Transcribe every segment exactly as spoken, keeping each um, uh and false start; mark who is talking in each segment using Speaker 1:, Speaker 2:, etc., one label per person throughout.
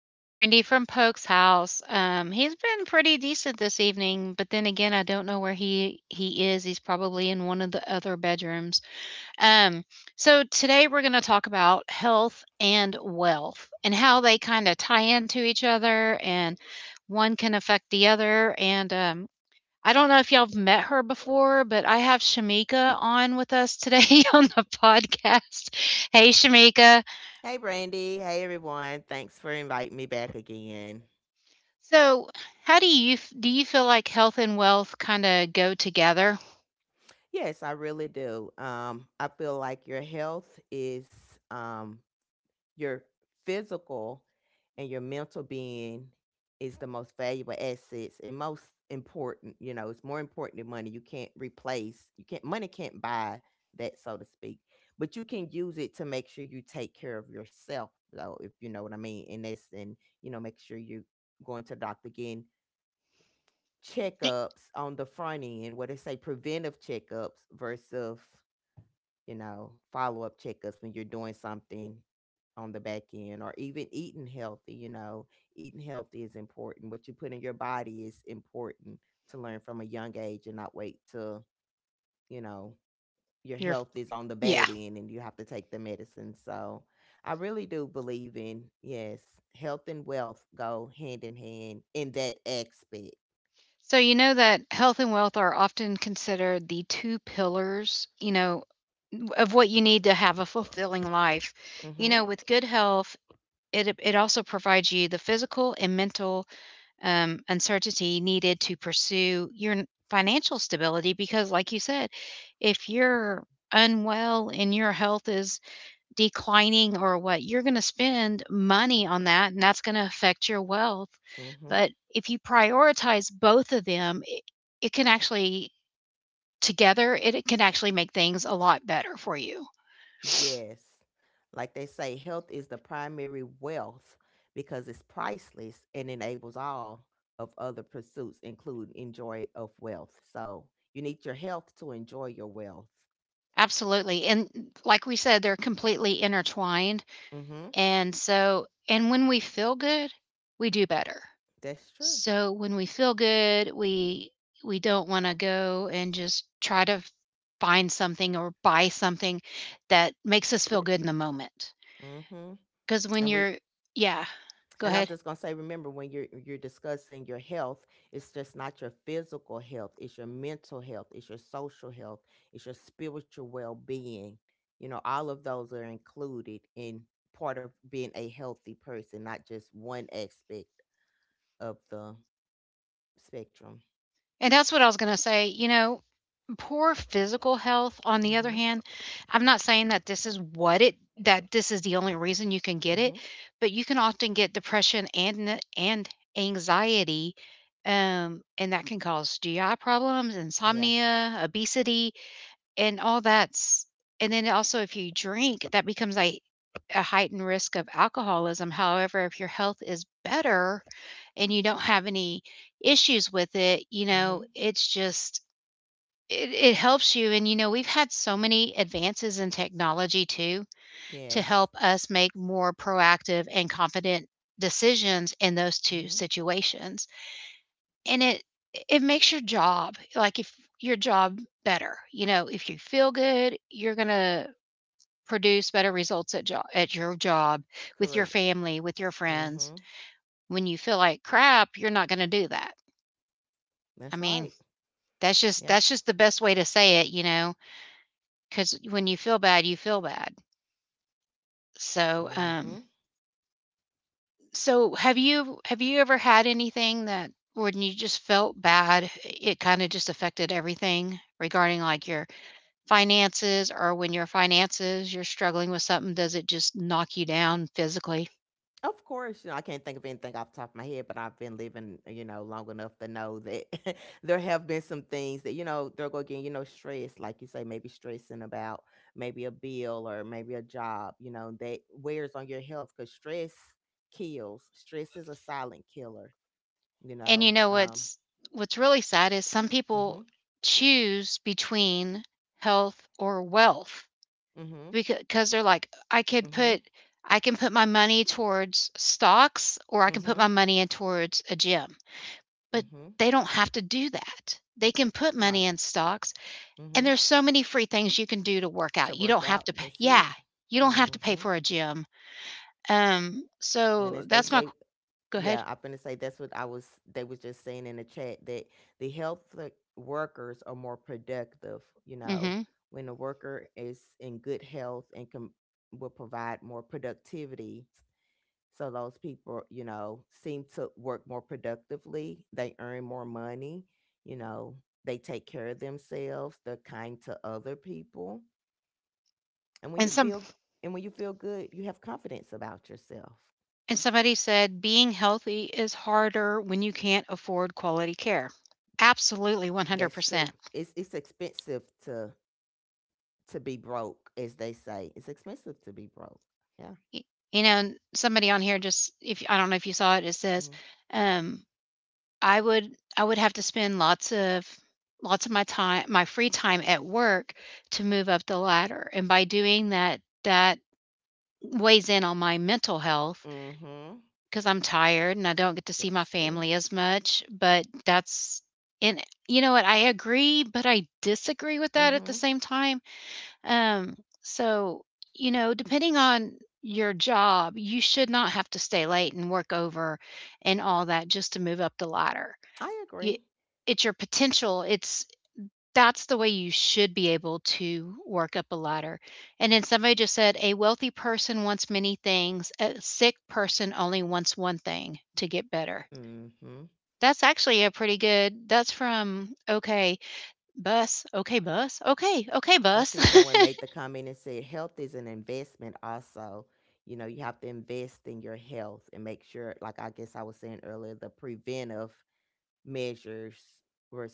Speaker 1: This is Brandy from Poke's house. Um, he's been pretty decent this evening, but then again, I don't know where he he is. He's probably in one of the other bedrooms. Um, so today we're going to talk about health and wealth and how they kind of tie into each other and one can affect the other. And um, I don't know if y'all have met her before, but I have Shamika on with us today on the podcast. Hey, Shamika.
Speaker 2: Hey, Brandy. Hey, everyone. Thanks for inviting me back again.
Speaker 1: So, how do you f- do you feel like health and wealth kind of go together?
Speaker 2: Yes, I really do. Um, I feel like your health is um, your physical and your mental being is the most valuable assets and most important. You know, it's more important than money. You can't replace. You can't. Money can't buy that, so to speak. But you can use it to make sure you take care of yourself, though, if you know what I mean. And that's and you know, make sure you going to the doctor again,
Speaker 1: Eh,
Speaker 2: checkups on the front end where they say preventive checkups versus you know follow-up checkups when you're doing something on the back end, or even eating healthy. You know eating healthy is important, what you put in your body is important to learn from a young age and not wait till you know
Speaker 1: Your
Speaker 2: your
Speaker 1: f-
Speaker 2: health is on the
Speaker 1: yeah.
Speaker 2: bad end and you have to take the medicine. So I really do believe in, yes, health and wealth go hand in hand in that aspect.
Speaker 1: So you know that health and wealth are often considered the two pillars, you know, w- of what you need to have a fulfilling life. You know,
Speaker 2: Mm-hmm.
Speaker 1: with good health, it it also provides you the physical and mental um, uncertainty needed to pursue your n- financial stability. Because, like you said, if you're unwell and your health is declining or what, you're going to spend money on that and that's going to affect your wealth. But
Speaker 2: Mm-hmm.
Speaker 1: if you prioritize both of them, it, it can actually together it, it can actually make things a lot better for you.
Speaker 2: Yes. Like they say, health is the primary wealth because it's priceless and enables all of other pursuits, including enjoy of wealth. So you need your health to enjoy your wealth.
Speaker 1: Absolutely. And like we said, they're completely intertwined.
Speaker 2: Mm-hmm.
Speaker 1: And so and when we feel good, we do better.
Speaker 2: That's true.
Speaker 1: So when we feel good, we we don't want to go and just try to find something or buy something that makes us feel good in the moment.
Speaker 2: Mm-hmm.
Speaker 1: Cuz when
Speaker 2: And
Speaker 1: you're
Speaker 2: we
Speaker 1: yeah, go ahead.
Speaker 2: And I'm just gonna say, remember when you're you're discussing your health, it's just not your physical health, it's your mental health, it's your social health, it's your spiritual well being. You know, all of those are included in part of being a healthy person, not just one aspect of the spectrum.
Speaker 1: And that's what I was going to say, you know, poor physical health, on the other
Speaker 2: Mm-hmm.
Speaker 1: hand, I'm not saying that this is what it that this is the only reason you can get it,
Speaker 2: Mm-hmm.
Speaker 1: but you can often get depression and n- and anxiety, um, and that can cause G I problems,
Speaker 2: Yeah.
Speaker 1: insomnia, obesity, and all that's. And then also, if you drink, that becomes a a heightened risk of alcoholism. However, if your health is better and you don't have any issues with it, you know,
Speaker 2: Mm-hmm.
Speaker 1: it's just it it helps you, and, you know, we've had so many advances in technology too to
Speaker 2: Yes.
Speaker 1: help us make more proactive and confident decisions in those two
Speaker 2: Mm-hmm.
Speaker 1: situations, and it it makes your job like, if your job better, you know, if you feel good, you're gonna produce better results at job at your job, with your
Speaker 2: Correct.
Speaker 1: family, with your friends.
Speaker 2: Mm-hmm.
Speaker 1: When you feel like crap, you're not gonna do that. I
Speaker 2: That's
Speaker 1: mean,
Speaker 2: right.
Speaker 1: that's just that's
Speaker 2: Yep.
Speaker 1: just the best way to say it, you know, because when you feel bad, you feel bad. So, um,
Speaker 2: Mhm.
Speaker 1: so have you have you ever had anything that when you just felt bad, it kind of just affected everything regarding like your finances, or when your finances you're struggling with something, does it just knock you down physically?
Speaker 2: Of course, you know, I can't think of anything off the top of my head, but I've been living, you know, long enough to know that there have been some things that, you know, they'll go again, you know, stress, like you say, maybe stressing about maybe a bill or maybe a job, you know, that wears on your health because stress kills. Stress is a silent killer, you
Speaker 1: And you
Speaker 2: know.
Speaker 1: know what's
Speaker 2: Um,
Speaker 1: what's really sad is some people
Speaker 2: mm-hmm.
Speaker 1: choose between health or wealth
Speaker 2: Mm-hmm.
Speaker 1: because they're like, I could put
Speaker 2: Mm-hmm.
Speaker 1: I can put my money towards stocks or I can put my
Speaker 2: Mm-hmm.
Speaker 1: money in towards a gym. But
Speaker 2: Mm-hmm.
Speaker 1: they don't have to do that. They can put money in
Speaker 2: Right.
Speaker 1: stocks, and
Speaker 2: Mm-hmm.
Speaker 1: there's so many free things you can do to work out. You
Speaker 2: To
Speaker 1: don't
Speaker 2: work
Speaker 1: have to
Speaker 2: out,
Speaker 1: pay.
Speaker 2: that's
Speaker 1: Yeah,
Speaker 2: it.
Speaker 1: you don't have to pay for
Speaker 2: Mm-hmm.
Speaker 1: a gym. Um, so
Speaker 2: And as
Speaker 1: that's
Speaker 2: they
Speaker 1: my
Speaker 2: say,
Speaker 1: Go ahead.
Speaker 2: yeah, I'm finna say that's what I was. They was just saying in the chat that the health like, workers are more productive. You
Speaker 1: mm Mhm.
Speaker 2: know, when a worker is in good health and can will provide more productivity, so those people, you know, seem to work more productively. They earn more money. You know, they take care of themselves. They're kind to other people, and
Speaker 1: And
Speaker 2: when you
Speaker 1: some
Speaker 2: feel and when you feel good, you have confidence about yourself.
Speaker 1: and somebody said, "Being healthy is harder when you can't afford quality care." Absolutely,
Speaker 2: That's
Speaker 1: one hundred percent.
Speaker 2: true. It's it's expensive to to be broke, as they say. It's expensive to be broke. Yeah.
Speaker 1: You know, and somebody on here just, if I don't know if you saw it, it says,
Speaker 2: Mm-hmm.
Speaker 1: um, I would I would have to spend lots of lots of my time, my free time at work to move up the ladder, and by doing that, that weighs in on my mental health
Speaker 2: Mm-hmm.
Speaker 1: because 'cause I'm tired and I don't get to see my
Speaker 2: That's
Speaker 1: family
Speaker 2: true.
Speaker 1: as much, but that's and you know what? I agree, but I disagree with that at the same
Speaker 2: Mm-hmm.
Speaker 1: time, um, so, you know, depending on your job, you should not have to stay late and work over and all that just to move up the ladder.
Speaker 2: I
Speaker 1: Y
Speaker 2: agree.
Speaker 1: It's your potential, it's that's the way you should be able to work up a ladder, and then somebody just said, "A wealthy person wants many things, a sick person only wants one thing, to get better."
Speaker 2: Mm-hmm.
Speaker 1: That's actually a pretty good that's from Okay, Bus. Okay, Bus. Okay, okay, Bus.
Speaker 2: I see someone made the comment and said health is an investment also. You know, you have to invest in your health and make sure, like I guess I was saying earlier, the preventive measures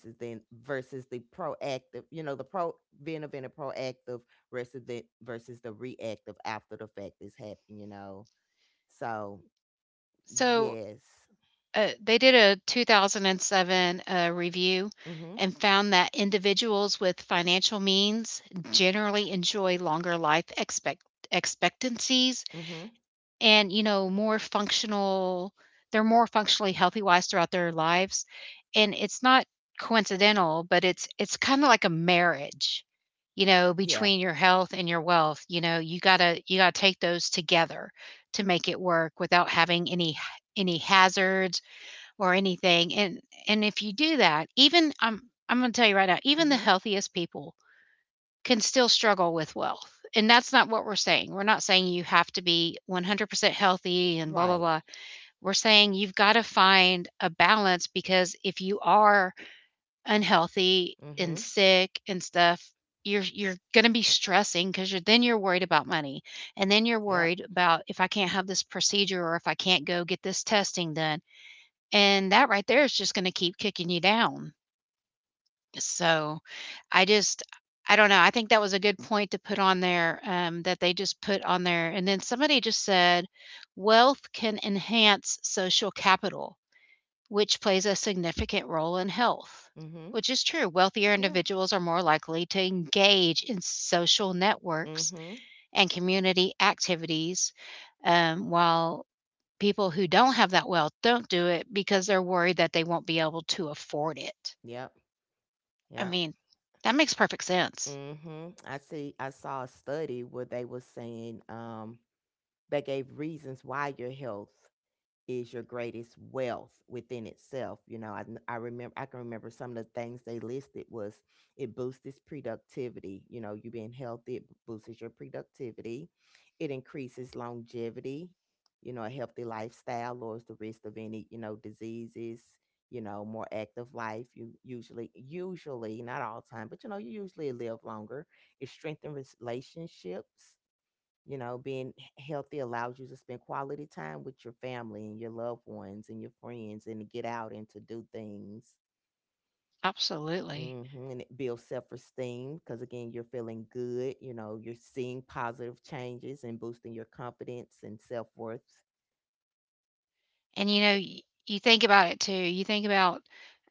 Speaker 2: versus then versus the proactive, you know, the preventive and the proactive versus the versus the reactive after the fact is happening, you know. So.
Speaker 1: So
Speaker 2: Yes.
Speaker 1: uh, they did a two thousand seven uh, review and
Speaker 2: Mhm.
Speaker 1: found that individuals with financial means generally enjoy longer life expect expectancies,
Speaker 2: Mhm.
Speaker 1: and you know, more functional they're more functionally healthy wise throughout their lives, and it's not coincidental, but it's it's kind of like a marriage, you know, between your
Speaker 2: Yeah.
Speaker 1: health and your wealth. You know, you got to, you got to take those together to make it work without having any any hazards or anything. And and if you do that, even I'm I'm going to tell you right now, even the
Speaker 2: Mhm.
Speaker 1: healthiest people can still struggle with wealth. And that's not what we're saying. We're not saying you have to be one hundred percent healthy and blah blah blah.
Speaker 2: Right.
Speaker 1: We're saying you've got to find a balance because if you are unhealthy and
Speaker 2: Mhm.
Speaker 1: sick and stuff, you're you're going to be stressing because you're then you're worried about money, and then you're worried
Speaker 2: Yep.
Speaker 1: about if I can't have this procedure or if I can't go get this testing done, and that right there is just gonna keep kicking you down. So, I just I don't know, I think that was a good point to put on there, um, that they just put on there, and then somebody just said, "Wealth can enhance social capital, which plays a significant role in health." Which is
Speaker 2: Mhm.
Speaker 1: true, wealthier
Speaker 2: Yeah.
Speaker 1: individuals are more likely to engage in social networks
Speaker 2: Mhm.
Speaker 1: and community activities, um, while people who don't have that wealth don't do it because they're worried that they won't be able to afford it.
Speaker 2: Yep.
Speaker 1: I mean,
Speaker 2: Yep.
Speaker 1: that makes perfect sense.
Speaker 2: Mhm. I see I saw a study where they were saying um they gave reasons why your health is your greatest wealth within itself. You know, I, I remember, I can remember some of the things they listed was it boosts productivity. You know, you being healthy, it boosts your productivity. It increases longevity. You know, a healthy lifestyle lowers the risk of any, you know, diseases, you know, more active life. You usually, usually, not all time, but you know, you usually live longer. It strengthens relationships, you know, being h- healthy allows you to spend quality time with your family and your loved ones and your friends and to get out and to do things.
Speaker 1: Absolutely.
Speaker 2: Hmm. And it builds self esteem because, again, you're feeling good. You know, you're seeing positive changes and boosting your confidence and self worth.
Speaker 1: And, you know, y
Speaker 2: So,
Speaker 1: you think about it too, you think about,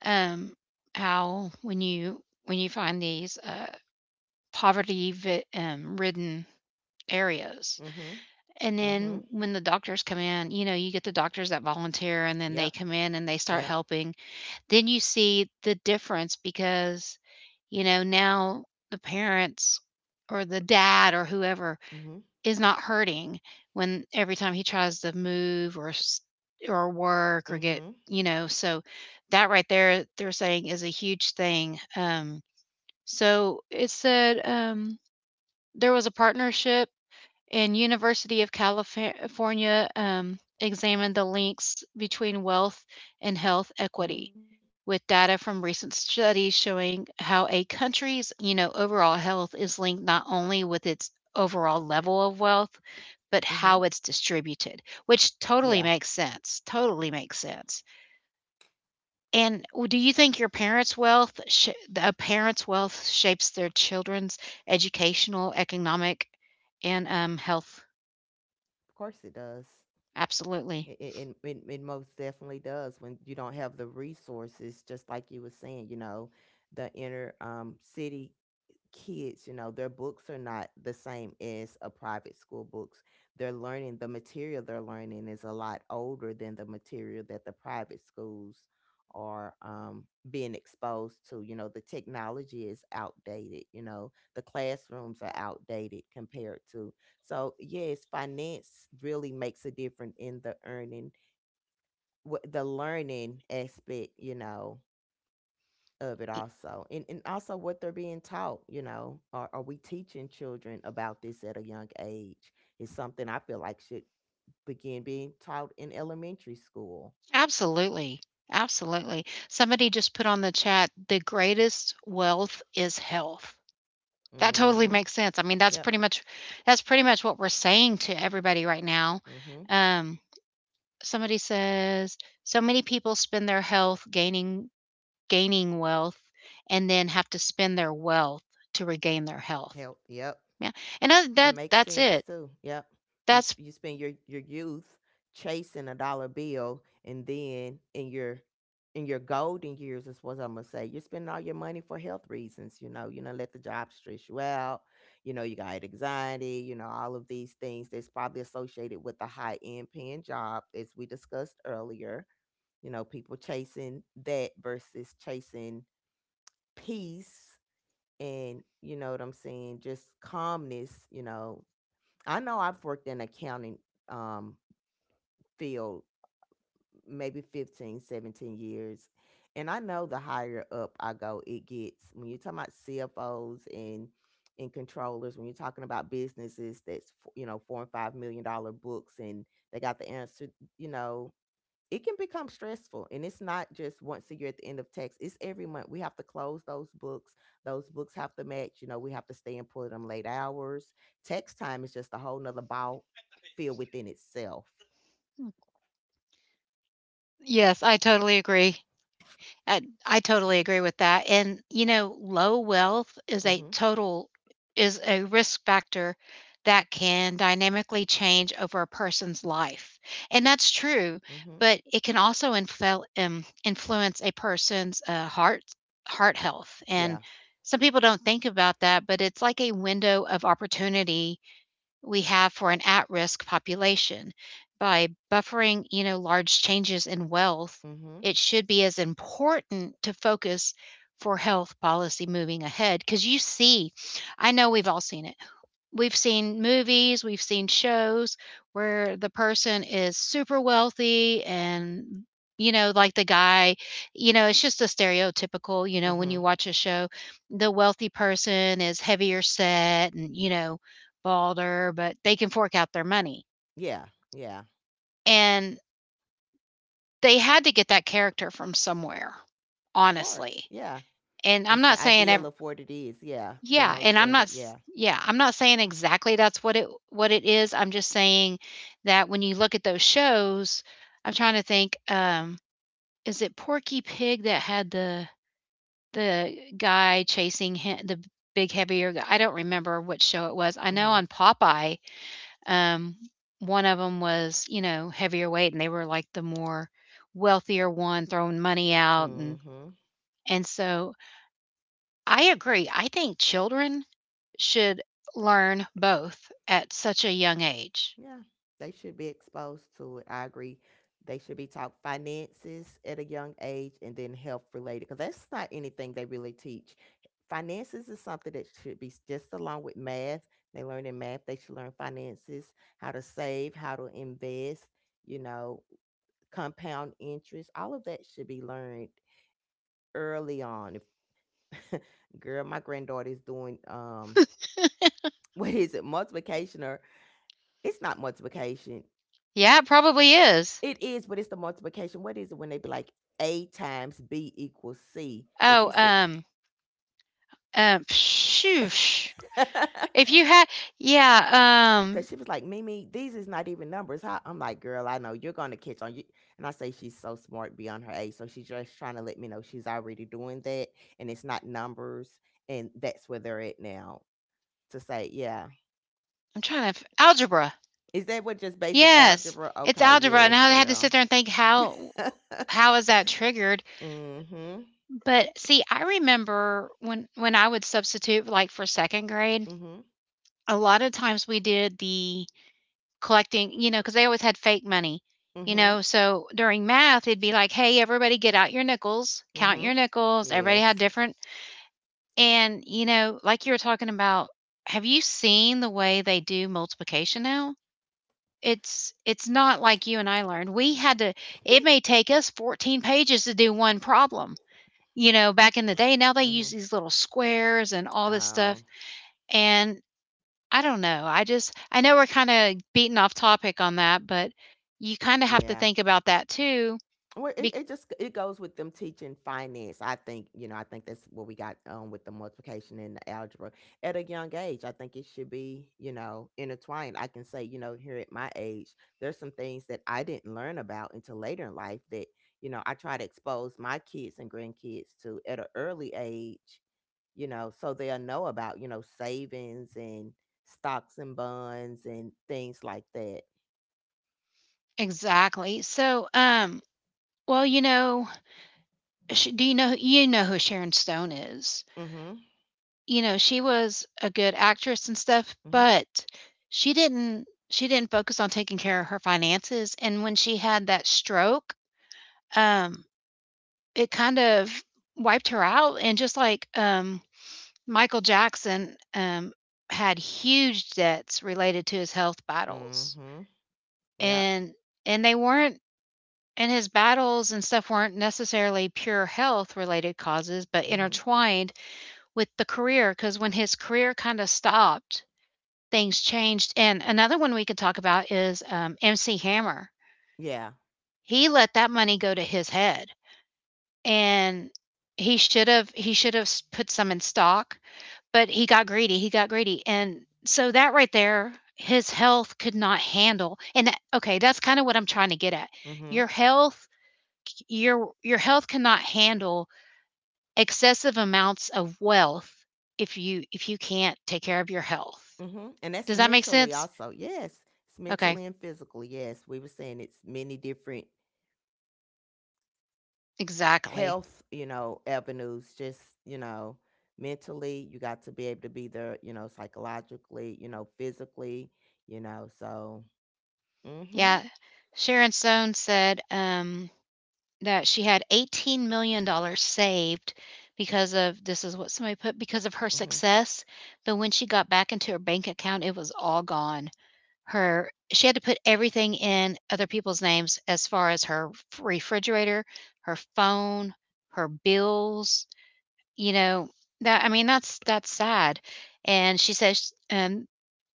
Speaker 1: um, how when you when you find these, uh, poverty vi um, ridden areas.
Speaker 2: mm-hmm.
Speaker 1: And then
Speaker 2: Mm-hmm.
Speaker 1: when the doctors come in, you know, you get the doctors that volunteer and then they come
Speaker 2: Yep.
Speaker 1: in and they start
Speaker 2: Yep.
Speaker 1: helping. Then you see the difference because, you know, now the parents or the dad or whoever
Speaker 2: Mm-hmm.
Speaker 1: is not hurting when every time he tries to move or s- or work or get,
Speaker 2: Mm-hmm.
Speaker 1: you know, so that right there they're saying is a huge thing. Um so it said, um there was a partnership and University of California um, examined the links between wealth and health equity
Speaker 2: Mm-hmm.
Speaker 1: with data from recent studies showing how a country's, you know, overall health is linked not only with its overall level of wealth, but
Speaker 2: Mm-hmm.
Speaker 1: how it's distributed, which totally
Speaker 2: Yeah. Of
Speaker 1: makes sense. Totally makes sense. And w- do you think your parents' wealth, sh- a parent's wealth shapes their children's educational, economic, and um, health?
Speaker 2: course it does.
Speaker 1: Absolutely.
Speaker 2: It, it, it, it it most definitely does when you don't have the resources, just like you were saying, you know, the inner um, city kids, you know, their books are not the same as a private school books. They're learning the material they're learning is a lot older than the material that the private schools are um, being exposed to. You know, the technology is outdated. You know, the classrooms are outdated compared to. So yes, finance really makes a difference in the earning, wh- the learning aspect. You know,
Speaker 1: E
Speaker 2: of it also and, and also what they're being taught, you know are, are we teaching children about this at a young age is something I feel like should begin being taught in elementary school.
Speaker 1: Absolutely, absolutely. Somebody just put on the chat, "The greatest wealth is health." That totally makes
Speaker 2: Mm-hmm.
Speaker 1: sense. I mean, that's pretty
Speaker 2: Yep.
Speaker 1: much that's pretty much what we're saying to everybody right now.
Speaker 2: Mm-hmm.
Speaker 1: Um, somebody says, "So many people spend their health gaining gaining wealth and then have to spend their wealth to regain their health."
Speaker 2: Help. Yep.
Speaker 1: Yeah, and that that
Speaker 2: That
Speaker 1: that's
Speaker 2: makes
Speaker 1: it.
Speaker 2: sense too. Yep.
Speaker 1: That's
Speaker 2: You s- you spend your your youth chasing a dollar bill, and then in your in your golden years is what I'm gonna say. You're spending all your money for health reasons. You know, you know, let the job stress you out. You know, you got anxiety. You know, all of these things that's probably associated with a high end paying job, as we discussed earlier. You know, people chasing that versus chasing peace and you know what I'm saying, just calmness, you know, I know I've worked in accounting um, field maybe fifteen, seventeen years. And I know the higher up I go, it gets. When you're talking about C F Os and and controllers, when you're talking about businesses that's you know four and five million dollar books, and they got the answer, you know, it can become stressful and it's not just once a year at the end of tax, it's every month we have to close those books, those books have to match, you know we have to stay and pull them late hours. Tax time is just a whole nother ball field within itself.
Speaker 1: yes, I totally agree. I I totally agree with that, and, you know, low wealth is a
Speaker 2: Mm-hmm.
Speaker 1: total is a risk factor that can dynamically change over a person's life, and that's true, but
Speaker 2: Mm-hmm.
Speaker 1: it can also infel um, influence a person's, uh, heart heart health, and
Speaker 2: Yeah.
Speaker 1: some people don't think about that, but it's like a window of opportunity we have for an at-risk population. By buffering, you know, large changes in wealth, it
Speaker 2: Mm-hmm.
Speaker 1: should be as important to focus for health policy moving ahead because you see, I know we've all seen it. We've seen movies, we've seen shows where the person is super wealthy and you know, like the guy, you know, it's just a stereotypical, you know, when you
Speaker 2: Mm-hmm.
Speaker 1: watch a show, the wealthy person is heavier set and, you know, balder, but they can fork out their money.
Speaker 2: Yeah. Yeah.
Speaker 1: And they had to get that character from somewhere,
Speaker 2: Of course.
Speaker 1: honestly.
Speaker 2: Yeah,
Speaker 1: And I'm not
Speaker 2: it's the
Speaker 1: saying ev
Speaker 2: ideal of what it is. Yeah,
Speaker 1: Yeah,
Speaker 2: the
Speaker 1: and
Speaker 2: most
Speaker 1: I'm not
Speaker 2: standard.
Speaker 1: s
Speaker 2: Yeah.
Speaker 1: yeah, I'm not saying exactly that's what it what it is, I'm just saying that when you look at those shows, I'm trying to think, um, is it Porky Pig that had the the guy chasing hi the big heavier guy? I don't remember which show it was. I know on
Speaker 2: Mm-hmm.
Speaker 1: Popeye, um, one of them was, you know, heavier weight, and they were, like, the more wealthier one throwing money out, and
Speaker 2: Mm-hmm.
Speaker 1: and so I agree, I think children should learn both at such a young age.
Speaker 2: Yeah, they should be exposed to it. I agree. They should be taught finances at a young age and then health related because that's not anything they really teach. Finances is something that should be s- just along with math. They learn in math, they should learn finances, how to save, how to invest, you know, compound interest. All of that should be learned early on. If girl, my granddaughter is doing um what is it, multiplication or it's not multiplication.
Speaker 1: Yeah, it probably is.
Speaker 2: It is, but it's the multiplication. What is it when they be like A times B equals C?
Speaker 1: Oh,
Speaker 2: Because she said,
Speaker 1: um, um, shoosh.
Speaker 2: because
Speaker 1: If you had, yeah, um,
Speaker 2: she was like, Mimi, these is not even numbers. How? I'm like, girl, I know you're going to catch on. You. And I say she's so smart beyond her age. So she's just trying to let me know she's already doing that and it's not numbers. And that's where they're at now to say, yeah.
Speaker 1: I'm trying to, f- algebra.
Speaker 2: Is that what just basic
Speaker 1: Yes,
Speaker 2: algebra?
Speaker 1: it's
Speaker 2: Okay,
Speaker 1: algebra. Now I
Speaker 2: yes,
Speaker 1: had to sit there
Speaker 2: girl.
Speaker 1: and think, how, how is that triggered?
Speaker 2: mm-hmm.
Speaker 1: But see, I remember when, when I would substitute, like for second grade,
Speaker 2: Mm-hmm.
Speaker 1: a lot of times we did the collecting, you know, because they always had fake money, you know,
Speaker 2: Mm-hmm.
Speaker 1: so during math, it'd be like, "Hey, everybody get out your nickels, count your
Speaker 2: Mm-hmm.
Speaker 1: nickels." Everybody had
Speaker 2: Yes.
Speaker 1: different. And, you know, like you were talking about, have you seen the way they do multiplication now? It's it's not like you and I learned. We had to — it may take us fourteen pages to do one problem, you know, back in the day. Now they use
Speaker 2: mm-hmm.
Speaker 1: these little squares and all this stuff,
Speaker 2: Oh,
Speaker 1: and I don't know. I just I know we're kinda beating off topic on that, but you kinda have to think
Speaker 2: yeah.
Speaker 1: about that too.
Speaker 2: Well,
Speaker 1: Be
Speaker 2: it, it just it goes with them teaching finance. I think you know. I think that's what we got um, with the multiplication and the algebra at a young age. I think it should be you know intertwined. I can say you know here at my age, there's some things that I didn't learn about until later in life that you know I try to expose my kids and grandkids to at an early age. You know, so they'll know about you know savings and stocks and bonds and things like that.
Speaker 1: exactly. So, um, well, you know, sh do you know you know who Sharon Stone is?
Speaker 2: Mm-hmm.
Speaker 1: You know, she was a good actress and stuff,
Speaker 2: Mm-hmm.
Speaker 1: but she didn't she didn't focus on taking care of her finances, and when she had that stroke, um, it kind of wiped her out. And just like, um Michael Jackson um, had huge debts related to his health battles,
Speaker 2: Mm-hmm. Yep.
Speaker 1: and and they weren't — and his battles and stuff weren't necessarily pure health related causes, but
Speaker 2: Mm-hmm.
Speaker 1: intertwined with the career. Because when his career kind of stopped, things changed. And another one we could talk about is um, M C Hammer.
Speaker 2: Yeah.
Speaker 1: He let that money go to his head, and he should have he should have put some in stock. But he got greedy, he got greedy, and so that right there, his health could not handle. And that, okay, that's kinda what I'm trying to get at. Your
Speaker 2: Mhm.
Speaker 1: health — your your health cannot handle excessive amounts of wealth if you if you can't take care of your health.
Speaker 2: Mhm. And
Speaker 1: Does
Speaker 2: that's
Speaker 1: that make
Speaker 2: mentally
Speaker 1: sense?
Speaker 2: also. Yes. It's
Speaker 1: Okay,
Speaker 2: mentally and physically. Yes. We were saying it's many different
Speaker 1: exactly.
Speaker 2: health, you know, avenues just, you know, mentally you got to be able to be there, you know, psychologically, you know, physically, you know. So,
Speaker 1: Yeah.
Speaker 2: mhm.
Speaker 1: Sharon Stone said, um that she had eighteen million dollars saved because of — this is what somebody put — because of her
Speaker 2: Mhm.
Speaker 1: success, but when she got back into her bank account, it was all gone. Her — she had to put everything in other people's names as far as her refrigerator, her phone, her bills, you know, that — I mean, that's that's sad, and she says, um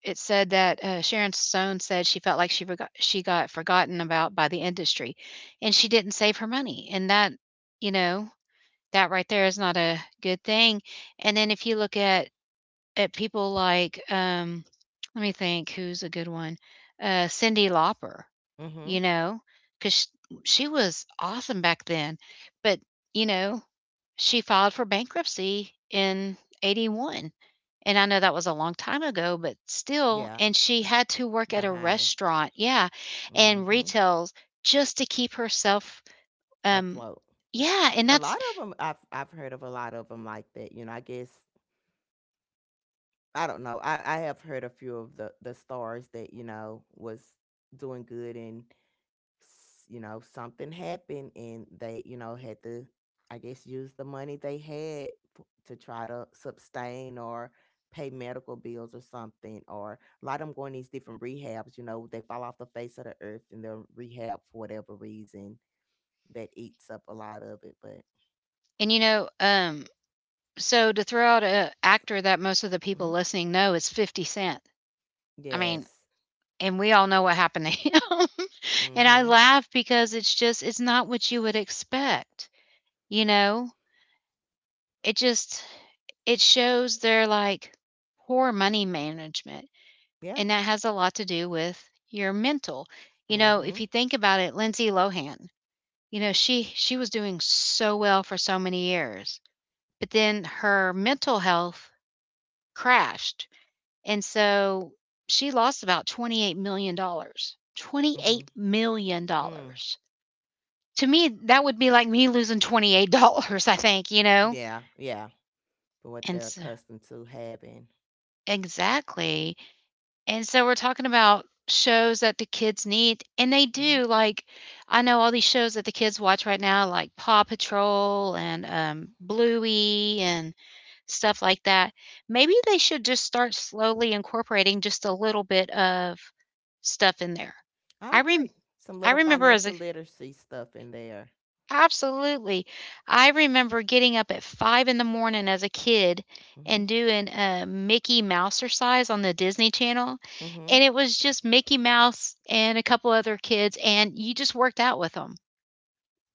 Speaker 1: it said that, uh, Sharon Stone said she felt like she forgot — she got forgotten about by the industry, and she didn't save her money, and that, you know, that right there is not a good thing. And then if you look at at people like, um, let me think, who's a good one? Uh, Cyndi Lauper, you
Speaker 2: Mhm.
Speaker 1: know, 'cause sh she was awesome back then, but, you know, she filed for bankruptcy in 'eighty-one, and I know that was a long time ago, but still.
Speaker 2: Yeah.
Speaker 1: And she had to work at a
Speaker 2: Behind.
Speaker 1: restaurant, yeah, and
Speaker 2: Mhm.
Speaker 1: retails just to keep herself, um,
Speaker 2: Afloat.
Speaker 1: yeah, and
Speaker 2: A
Speaker 1: that's —
Speaker 2: lot of them I've I've heard of a lot of them like that. You know, I guess I don't know. I, I have heard a few of the the stars that you know was doing good, and s- you know something happened, and they you know had to, I guess, use the money they had f- to try to sustain or pay medical bills or something. Or a lot of them going these different rehabs. You know, they fall off the face of the earth and they're rehab for whatever reason that eats up a lot of it. But.
Speaker 1: and, you know, um, so to throw out a actor that most of the people
Speaker 2: Mhm.
Speaker 1: listening know is 50 Cent. I mean,
Speaker 2: Yes.
Speaker 1: and we all know what happened to him. And I
Speaker 2: Mm-hmm.
Speaker 1: laugh because it's just — it's not what you would expect, you know? It just — it shows their, like, poor money management,
Speaker 2: Yeah.
Speaker 1: and that has a lot to do with your mental. You know, if
Speaker 2: Mm-hmm.
Speaker 1: you think about it, Lindsay Lohan, you know, she she was doing so well for so many years, but then her mental health crashed, and so she lost about twenty-eight million dollars. Dollars.
Speaker 2: Mm-hmm.
Speaker 1: twenty-eight million dollars.
Speaker 2: Mm.
Speaker 1: Dollars. To me, that would be like me losing twenty-eight dollars I think, you know?
Speaker 2: Yeah, yeah. For what
Speaker 1: And
Speaker 2: they're
Speaker 1: so,
Speaker 2: accustomed to having.
Speaker 1: exactly. And so we're talking about shows that the kids need, and they
Speaker 2: Hmm.
Speaker 1: do. Like, I know all these shows that the kids watch right now, like Paw Patrol and um, Bluey and stuff like that. Maybe they should just start slowly incorporating just a little bit of stuff in there. I
Speaker 2: I
Speaker 1: rem-
Speaker 2: agree. Some
Speaker 1: I
Speaker 2: little
Speaker 1: remember as a —
Speaker 2: financial literacy stuff in there.
Speaker 1: absolutely. I remember getting up at five in the morning as a kid
Speaker 2: Hmm.
Speaker 1: and doing a Mickey Mouse exercise on the Disney Channel, and
Speaker 2: Hmm.
Speaker 1: it was just Mickey Mouse and a couple other kids, and you just worked out with them,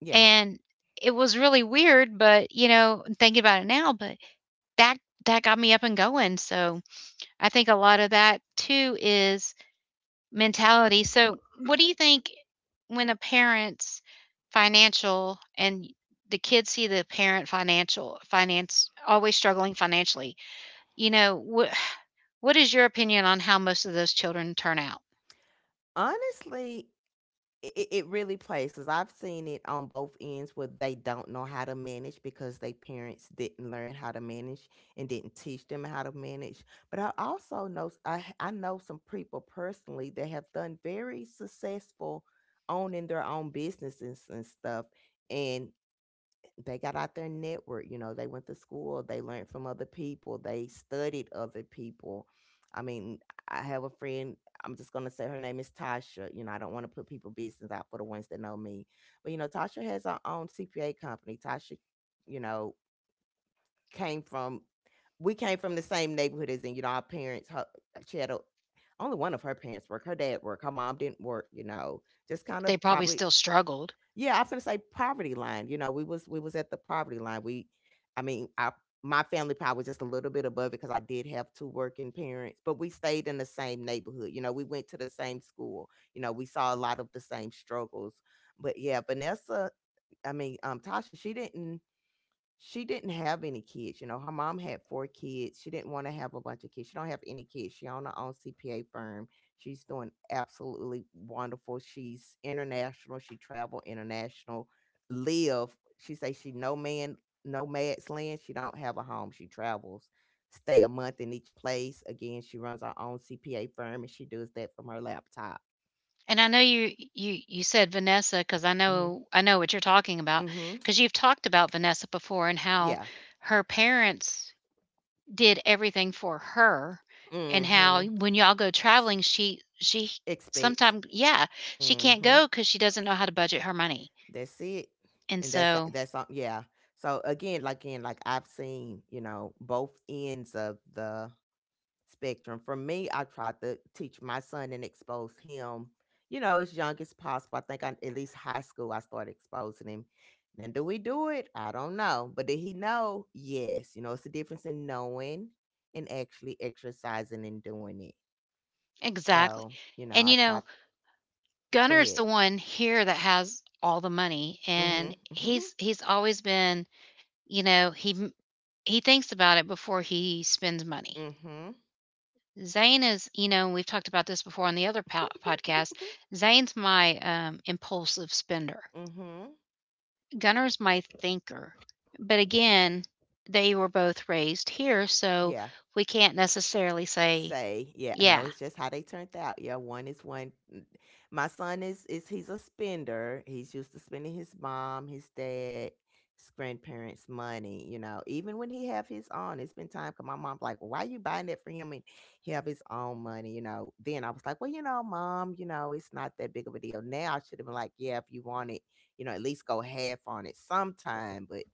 Speaker 2: Yeah.
Speaker 1: and it was really weird, but, you know, thinking about it now, but that — that got me up and going, so I think a lot of that too is mentality. So, what do you think when a parent's financial and the kids see the parent financial finance always struggling financially, you know, what what is your opinion on how most of those children turn out?
Speaker 2: Honestly, it, it really places. I've seen it on both ends where they don't know how to manage because their parents didn't learn how to manage and didn't teach them how to manage. But I also know I I know some people personally that have done very successful owning their own businesses and stuff. And they got out their network, you know, they went to school, they learned from other people, they studied other people. I mean, I have a friend. I'm just going to say her name is Tasha. You know, I don't want to put people business out for the ones that know me. But you know Tasha has her own CPA company. Tasha, you know, came from, we came from the same neighborhood, as in, you know, our parents, her, she had a, only one of her parents worked, her dad worked, her mom didn't work, you know, just kind of
Speaker 1: They probably
Speaker 2: probably.
Speaker 1: still struggled.
Speaker 2: Yeah, I'm to say poverty line. You know, we was we was at the poverty line. We, I mean, I, my family probably was just a little bit above it because I did have two working parents, but we stayed in the same neighborhood. You know, we went to the same school. You know, we saw a lot of the same struggles. But yeah, Vanessa, I mean, um, Tasha, she didn't. She didn't have any kids, you know, her mom had four kids, she didn't wanna have a bunch of kids, she don't have any kids, she own her own C P A firm, she's doing absolutely wonderful, she's international, she travel international, live, she say she no man, nomad's land, she don't have a home, she travels, stay a month in each place. Again, she runs her own C P A firm and she does that from her laptop.
Speaker 1: And I know you you you said Vanessa because I
Speaker 2: Mm.
Speaker 1: know I know what you're talking about
Speaker 2: Mhm.
Speaker 1: because you've talked about Vanessa before and how
Speaker 2: Yeah.
Speaker 1: her parents did everything for her
Speaker 2: Mm.
Speaker 1: and how
Speaker 2: Mhm.
Speaker 1: when y'all go traveling, she — she
Speaker 2: Expats.
Speaker 1: sometimes, yeah, she can't go
Speaker 2: Mhm.
Speaker 1: go because she doesn't know how to budget her money.
Speaker 2: That's it.
Speaker 1: And
Speaker 2: And that's uh,
Speaker 1: so
Speaker 2: that's um, yeah. So again, like, again, like, I've seen, you know, both ends of the spectrum. For me, I try to teach my son and expose him, you know, as young as possible. I think I, at least high school, I started exposing him. Now do we do it? I don't know. But did he know? Yes. You know, it's the difference in knowing and actually exercising and doing it.
Speaker 1: exactly.
Speaker 2: So, you know,
Speaker 1: And,
Speaker 2: I
Speaker 1: you
Speaker 2: try.
Speaker 1: know,
Speaker 2: Go
Speaker 1: Gunner's
Speaker 2: ahead.
Speaker 1: the one here that has all the money,
Speaker 2: Mm-hmm.
Speaker 1: and
Speaker 2: Mm-hmm.
Speaker 1: he's he's always been, you know, he — he thinks about it before he spends money.
Speaker 2: Mm-hmm.
Speaker 1: Zane is — you know, we've talked about this before on the other po podcast, Zane's my, um, impulsive spender.
Speaker 2: Mhm.
Speaker 1: Gunner's my thinker. But again, they were both raised here, so
Speaker 2: Yeah.
Speaker 1: we can't necessarily say,
Speaker 2: Say, yeah, no,
Speaker 1: yeah.
Speaker 2: it's just how they turned out. Yeah, one is one. n- My son is is he's a spender. He's used to spending his mom, his dad, his grandparents' money. You know, even when he have his own, it's been time. Cause my mom like, well, why you buying that for him and he have his own money? You know. Then I was like, well, you know, mom, you know, it's not that big of a deal. Now I should have been like, yeah, if you want it, you know, at least go half on it sometime. But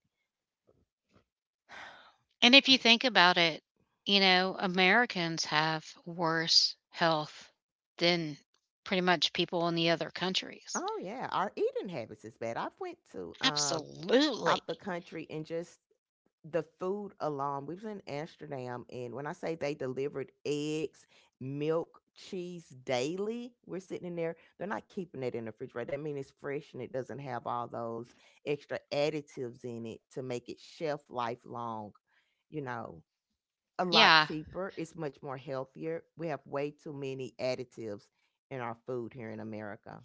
Speaker 1: And if you think about it, you know, Americans have worse health than pretty much people in the other countries.
Speaker 2: oh yeah, our eating habits is bad. I've went to um
Speaker 1: Absolutely.
Speaker 2: out the country and just the food alone. We was in Amsterdam, and when I say they delivered eggs, milk, cheese daily, we're sitting in there. They're not keeping it in the refrigerator. That means it's fresh and it doesn't have all those extra additives in it to make it shelf life long, you know. A lot
Speaker 1: Yeah.
Speaker 2: cheaper. It's much more healthier. We have way too many additives in our food here in America.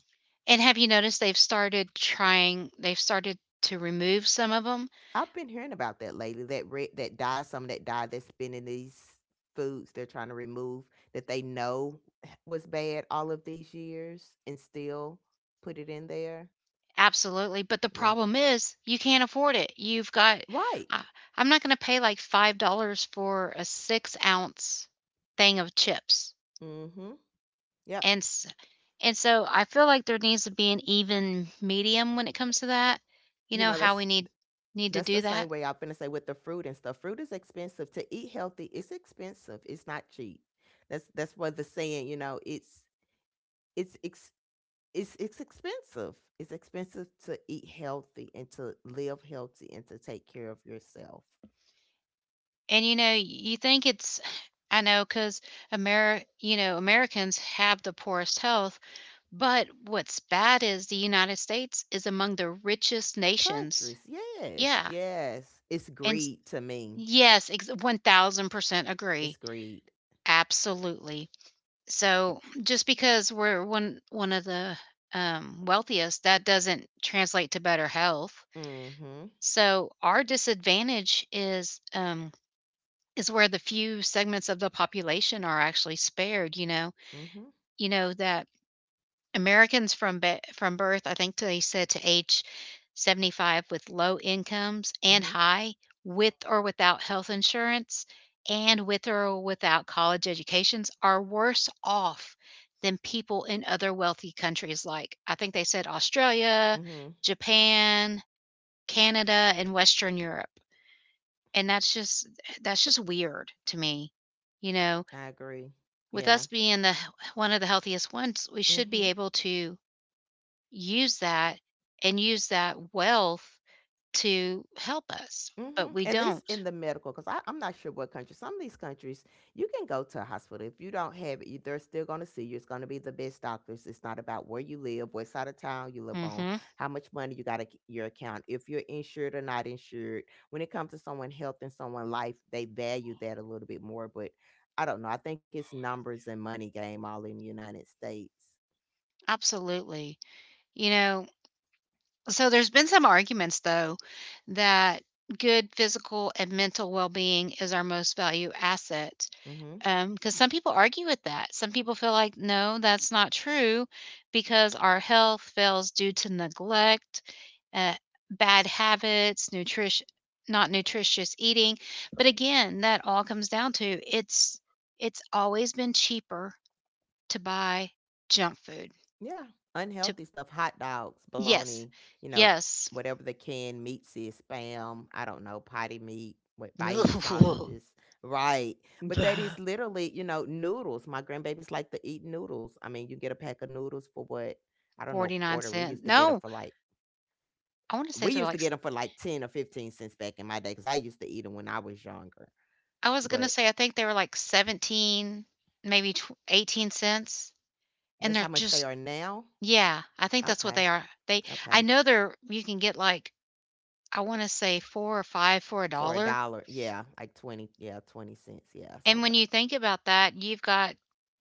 Speaker 1: And have you noticed they've started trying, they've started to remove some of them.
Speaker 2: I've been hearing about that lately. That red, that dye, some of that dye that's been in these foods they're trying to remove, that they know was bad all of these years and still put it in there.
Speaker 1: Absolutely, but the
Speaker 2: Yeah.
Speaker 1: problem is you can't afford it. You've got —
Speaker 2: Right.
Speaker 1: I I'm not gonna pay like five dollars for a six ounce thing of chips,
Speaker 2: Mm-hmm. Yep.
Speaker 1: and s and so I feel like there needs to be an even medium when it comes to that. You
Speaker 2: You
Speaker 1: know Mhm.
Speaker 2: know,
Speaker 1: how
Speaker 2: that's
Speaker 1: we need need to
Speaker 2: that's the
Speaker 1: do
Speaker 2: same
Speaker 1: that?
Speaker 2: way I'm gonna say with the fruit and stuff. Fruit is expensive. To eat healthy, it's expensive. It's not cheap. That's that's what the saying, you know, it's it's ex. it's it's expensive. It's expensive to eat healthy and to live healthy and to take care of yourself.
Speaker 1: And, you know, you think it's I know because Ameri, you know, Americans have the poorest health, but what's bad is the United States is among the richest nations.
Speaker 2: Countries, yes,
Speaker 1: Yeah,
Speaker 2: yes. It's
Speaker 1: and
Speaker 2: greed to me.
Speaker 1: yes, ex one thousand percent
Speaker 2: It's
Speaker 1: agree.
Speaker 2: greed.
Speaker 1: Absolutely.
Speaker 2: Yeah.
Speaker 1: So, just because we're one one of the, um, wealthiest, that doesn't translate to better health.
Speaker 2: Mm-hmm.
Speaker 1: So, our disadvantage is, um, is where the few segments of the population are actually spared, you know?
Speaker 2: Mm-hmm.
Speaker 1: You know, that Americans from be from birth, I think they said to age seventy-five with low incomes and
Speaker 2: Mm-hmm.
Speaker 1: high, with or without health insurance, and with or without college educations, are worse off than people in other wealthy countries like, I think they said Australia,
Speaker 2: Mm-hmm.
Speaker 1: Japan, Canada, and Western Europe. And that's just — that's just weird to me. You know,
Speaker 2: I agree.
Speaker 1: with us
Speaker 2: Yeah.
Speaker 1: being the one of the healthiest ones, we should be
Speaker 2: Mm-hmm.
Speaker 1: able to use that and use that wealth to help us, but
Speaker 2: Mhm.
Speaker 1: we
Speaker 2: At least
Speaker 1: don't.
Speaker 2: in the medical, because I'm not sure what country. Some of these countries, you can go to a hospital. If you don't have it, you- they're still going to see you. It's going to be the best doctors. It's not about where you live, what side of town you live on,
Speaker 1: Hmm.
Speaker 2: how much money you got in your account, if you're insured or not insured. When it comes to someone' health and someone' life, they value that a little bit more. But I don't know. I think it's numbers and money game all in the United States.
Speaker 1: Absolutely. You know, so there's been some arguments, though, that good physical and mental well being is our most value asset.
Speaker 2: Mm-hmm.
Speaker 1: Um, Because some people argue with that. Some people feel like, "No, that's not true because our health fails due to neglect, uh, bad habits, nutrition not nutritious eating." But again, that all comes down to — it's it's always been cheaper to buy junk food.
Speaker 2: Yeah,
Speaker 1: To
Speaker 2: unhealthy stuff, hot dogs,
Speaker 1: yes.
Speaker 2: bologna, you know,
Speaker 1: Yes.
Speaker 2: whatever the canned meats is, spam, I don't know, potty meat, what, Vienna sausages, right? But that is literally, you know, noodles. My grandbabies like to eat noodles. I mean, you get a pack of noodles for what? I don't know,
Speaker 1: 49
Speaker 2: quarter. We used
Speaker 1: cent.
Speaker 2: to get them
Speaker 1: No,
Speaker 2: for like
Speaker 1: I wanna say
Speaker 2: we
Speaker 1: they're
Speaker 2: used to
Speaker 1: like —
Speaker 2: get them for like ten or fifteen cents back in my day cuz I used to eat them when I was younger.
Speaker 1: I was gonna
Speaker 2: But
Speaker 1: say, I think they were like seventeen, maybe tw eighteen cents, and
Speaker 2: that's how
Speaker 1: they're
Speaker 2: much they
Speaker 1: just —
Speaker 2: are now?
Speaker 1: yeah, I think that's what
Speaker 2: Okay.
Speaker 1: they are. They — I
Speaker 2: Okay.
Speaker 1: know they're — you can get like, I wanna say four or five for a
Speaker 2: For a
Speaker 1: dollar,
Speaker 2: dollar. Yeah, like twenty, yeah, twenty cents. Yeah,
Speaker 1: and
Speaker 2: somewhere.
Speaker 1: when you think about that, you've got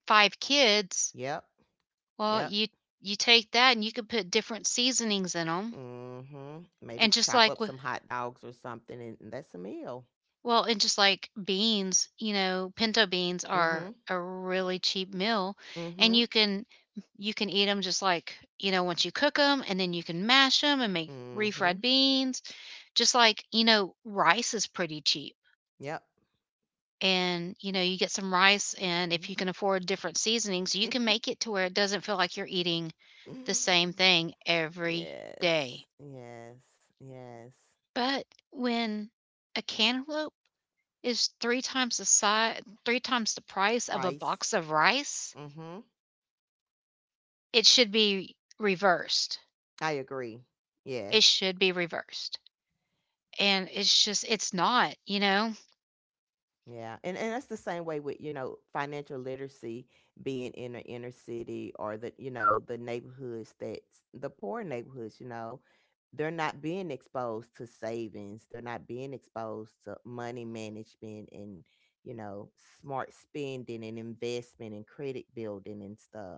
Speaker 1: five kids,
Speaker 2: Yep,
Speaker 1: well,
Speaker 2: yep.
Speaker 1: you — you take that and you could put different seasonings in them,
Speaker 2: Mm. Mhm. Maybe
Speaker 1: and just
Speaker 2: chop up
Speaker 1: like
Speaker 2: some
Speaker 1: with.
Speaker 2: hot dogs or something, and and that's a meal.
Speaker 1: Well, and just like beans, you know, pinto beans are
Speaker 2: Mm.
Speaker 1: a really cheap meal
Speaker 2: Mhm,
Speaker 1: and
Speaker 2: mhm,
Speaker 1: you can — you can eat them just like, you know, once you cook them and then you can mash them and make
Speaker 2: mhm.
Speaker 1: refried beans. Just like, you know, rice is pretty cheap.
Speaker 2: Yep.
Speaker 1: And, you know, you get some rice and
Speaker 2: Mm.
Speaker 1: if you can afford different seasonings, you can
Speaker 2: Mhm.
Speaker 1: make it to where it doesn't feel like you're eating the same thing every
Speaker 2: Yes,
Speaker 1: day.
Speaker 2: yes, yes.
Speaker 1: But when a cantaloupe is three times the size — three times the price of a
Speaker 2: Price.
Speaker 1: box of rice,
Speaker 2: Mm. Mhm.
Speaker 1: it should be reversed.
Speaker 2: I agree.
Speaker 1: It
Speaker 2: Yes.
Speaker 1: should be reversed. And it's just it's not, you know?
Speaker 2: Yeah, and and that's the same way with, you know, financial literacy being in the inner city or the, you know, the neighborhoods that's the poor neighborhoods, you know, they're not being exposed to savings. They're not being exposed to money management and, you know, smart spending and investment and credit building and stuff.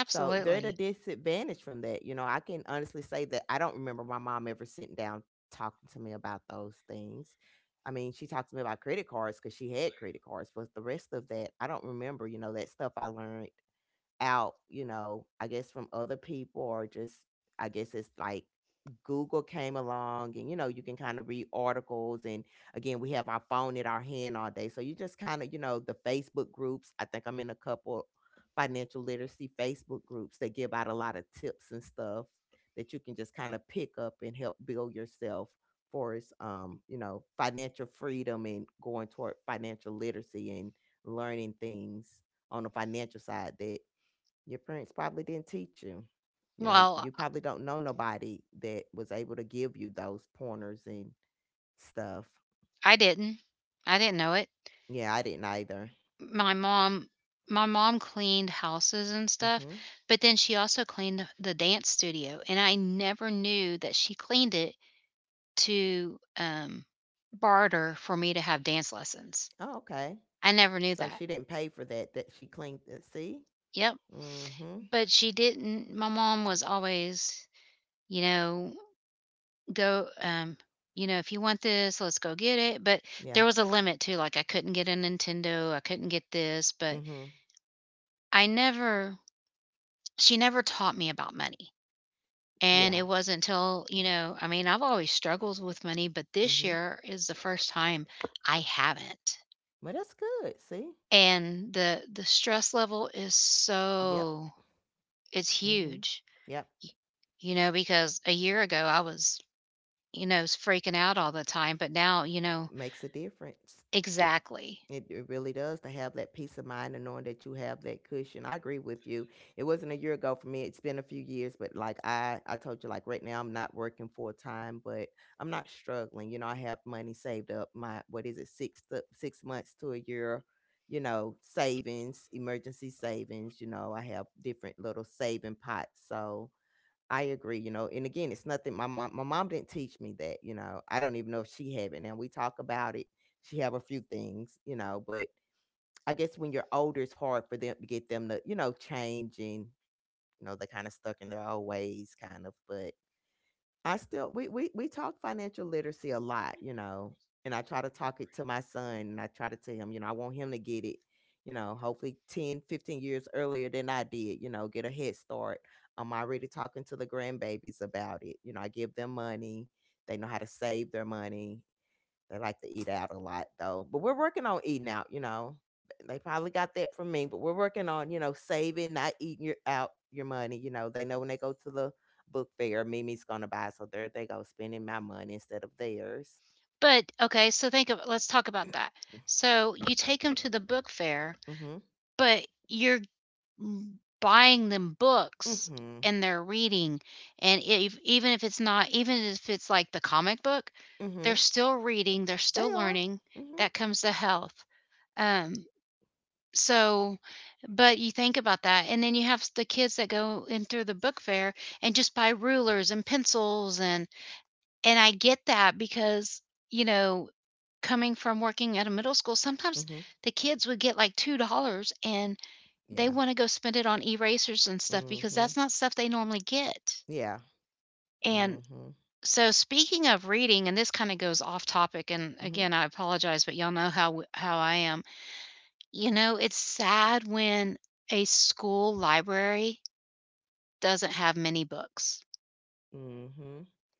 Speaker 2: So they're at a disadvantage from that. You know, I can honestly say that I don't remember my mom ever sitting down talking to me about those things. I mean, she talked to me about credit cards because she had credit cards, but the rest of that, I don't remember. You know, that stuff I learned out, you know, I guess from other people or just, I guess it's like Google came along and you know, you can kind of read articles and again, we have our phone in our hand all day. So you just kind of, you know, the Facebook groups, I think I'm in a couple financial literacy Facebook groups that give out a lot of tips and stuff that you can just kind of pick up and help build yourself for is um, you know, financial freedom and going toward financial literacy and learning things on the financial side that your parents probably didn't teach you. You know, you
Speaker 1: Well,
Speaker 2: probably don't know nobody that was able to give you those pointers and stuff.
Speaker 1: I didn't. I didn't know it.
Speaker 2: Yeah, I didn't either.
Speaker 1: My mom my mom cleaned houses and stuff,
Speaker 2: Mhm.
Speaker 1: but then she also cleaned the dance studio, and I never knew that she cleaned it to, um, barter for me to have dance lessons.
Speaker 2: Oh, okay.
Speaker 1: I never knew
Speaker 2: So she
Speaker 1: that.
Speaker 2: didn't pay for that. That she cleaned it. See.
Speaker 1: Yep.
Speaker 2: Mhm.
Speaker 1: But she didn't. My mom was always, you know go um you know, if you want this, let's go get it, but
Speaker 2: Yeah.
Speaker 1: there was a limit too. Like, I couldn't get a Nintendo, I couldn't get this.
Speaker 2: Mm.
Speaker 1: But
Speaker 2: Mhm.
Speaker 1: I never she never taught me about money.
Speaker 2: Yeah.
Speaker 1: And it wasn't until, you know, I mean, I've always struggled with money, but
Speaker 2: Mm.
Speaker 1: this
Speaker 2: Mhm.
Speaker 1: year is the first time I haven't.
Speaker 2: Well, that's good. See.
Speaker 1: And the the stress level is
Speaker 2: Yep.
Speaker 1: so, it's
Speaker 2: Mm. Mhm.
Speaker 1: huge.
Speaker 2: Yep.
Speaker 1: y- you know, because a year ago I was, you know, is freaking out all the time, but now, you know,
Speaker 2: Makes a difference.
Speaker 1: exactly.
Speaker 2: It it really does to have that peace of mind and knowing that you have that cushion. I agree with you. It wasn't a year ago for me. It's been a few years, but like I I told you, like right now I'm not working full time, but I'm not struggling. You know, I have money saved up. My what is it? six to six months to a year, you know, savings, emergency savings, you know. I have different little saving pots. So I agree, you know, and again, it's nothing. My mom, my mom didn't teach me that, you know. I don't even know if she have it. Now we talk about it. She have a few things, you know, but I guess when you're older, it's hard for them to get them to, you know, change and you know they're kind of stuck in their old ways, kind of. But I still we we we talk financial literacy a lot, you know, and I try to talk it to my son and I try to tell him, you know, I want him to get it, you know, hopefully ten fifteen years earlier than I did, you know, get a head start. I'm already talking to the grandbabies about it. You know, I give them money. They know how to save their money. They like to eat out a lot though. But we're working on eating out, you know. They probably got that from me, but we're working on, you know, saving, not eating your out your money. You know, they know when they go to the book fair, Mimi's gonna buy. So there they go, spending my money instead of theirs.
Speaker 1: But okay, so think of, let's talk about that. So you take them to the book fair,
Speaker 2: Mm-hmm.
Speaker 1: but you're buying them books
Speaker 2: Mm-hmm.
Speaker 1: and they're reading, and if, even if it's not even if it's like the comic book,
Speaker 2: Mm-hmm.
Speaker 1: they're still reading, they're
Speaker 2: They
Speaker 1: still
Speaker 2: are.
Speaker 1: learning.
Speaker 2: Mm-hmm.
Speaker 1: That comes to health. Um So, but you think about that, and then you have the kids that go in through the book fair and just buy rulers and pencils and and I get that because, you know, coming from working at a middle school, sometimes
Speaker 2: Mm-hmm.
Speaker 1: the kids would get like two dollars and
Speaker 2: Yeah.
Speaker 1: they want to go spend it on erasers and stuff because
Speaker 2: Mm-hmm.
Speaker 1: that's not stuff they normally get.
Speaker 2: Yeah.
Speaker 1: And
Speaker 2: Mm-hmm.
Speaker 1: so, speaking of reading, and this kind of goes off topic, and
Speaker 2: Mm-hmm.
Speaker 1: again, I apologize, but y'all know how how I am. You know, it's sad when a school library doesn't have many books.
Speaker 2: Mm-hmm.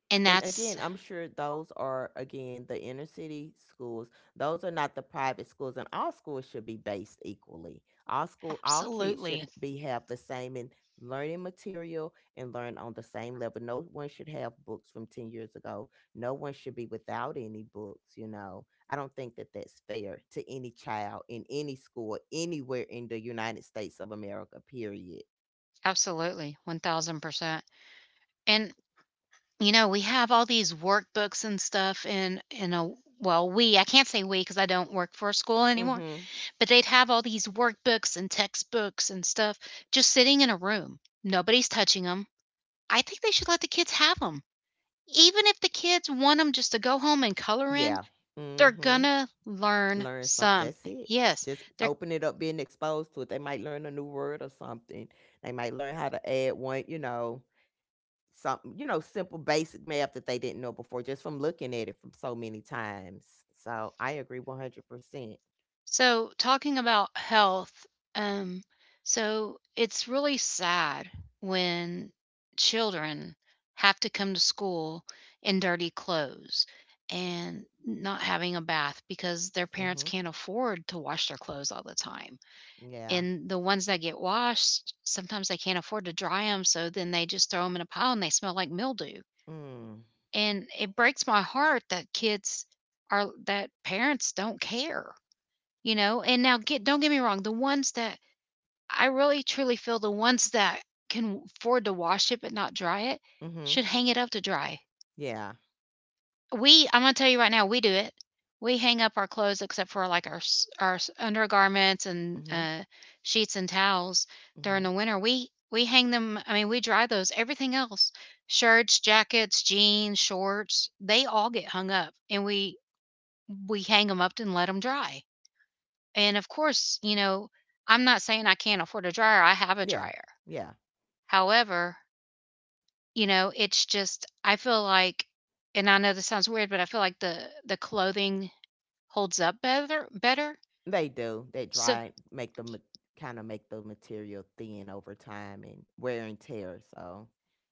Speaker 1: And
Speaker 2: And again,
Speaker 1: that's
Speaker 2: I'm sure those are again the inner city schools. Those are not the private schools, and all schools should be based equally. All school, all kids should
Speaker 1: absolutely,
Speaker 2: be have the same in learning material and learn on the same level. No one should have books from ten years ago. No one should be without any books. You know, I don't think that that's fair to any child in any school anywhere in the United States of America. Period.
Speaker 1: absolutely one thousand percent. And, you know, we have all these workbooks and stuff in, in a, well, we, I can't say we because I don't work for a school anymore,
Speaker 2: Mm-hmm.
Speaker 1: but they'd have all these workbooks and textbooks and stuff just sitting in a room. Nobody's touching them. I think they should let the kids have them. Even if the kids want them just to go home and color
Speaker 2: Yeah.
Speaker 1: in, they're
Speaker 2: Mm-hmm.
Speaker 1: gonna learn
Speaker 2: Learn something. That's
Speaker 1: something.
Speaker 2: it.
Speaker 1: Yes,
Speaker 2: Just
Speaker 1: they're
Speaker 2: open it up, being exposed to it. They might learn a new word or something. They might learn how to add one, you know, something, you know, simple basic math that they didn't know before just from looking at it from so many times. So I agree one hundred percent.
Speaker 1: so talking about health. Um, so it's really sad when children have to come to school in dirty clothes and not having a bath because their
Speaker 2: Mm-hmm.
Speaker 1: parents can't afford to wash their clothes all the time.
Speaker 2: Yeah.
Speaker 1: And the ones that get washed, sometimes they can't afford to dry them, so then they just throw them in a pile and they smell like mildew.
Speaker 2: Mm.
Speaker 1: And it breaks my heart that kids are that parents don't care, you know. And now, get don't get me wrong, the ones that, I really truly feel the ones that can afford to wash it but not dry it
Speaker 2: Hmm.
Speaker 1: should hang it up to dry.
Speaker 2: Yeah.
Speaker 1: We, I'm gonna tell you right now, we do it. We hang up our clothes except for, like, our s our s undergarments and,
Speaker 2: Hmm.
Speaker 1: uh, sheets and towels
Speaker 2: Hmm.
Speaker 1: during the winter. We we hang them, I mean, we dry those. Everything else, shirts, jackets, jeans, shorts, they all get hung up, and we we hang them up and let them dry. And, of course, you know, I'm not saying I can't afford a dryer, I have a
Speaker 2: Yeah.
Speaker 1: dryer.
Speaker 2: Yeah.
Speaker 1: However, you know, it's just I feel like, and I know this sounds weird, but I feel like the the clothing holds up better better.
Speaker 2: They do. They
Speaker 1: So
Speaker 2: dry, make the kind of make the material thin over time and wear and tear. So,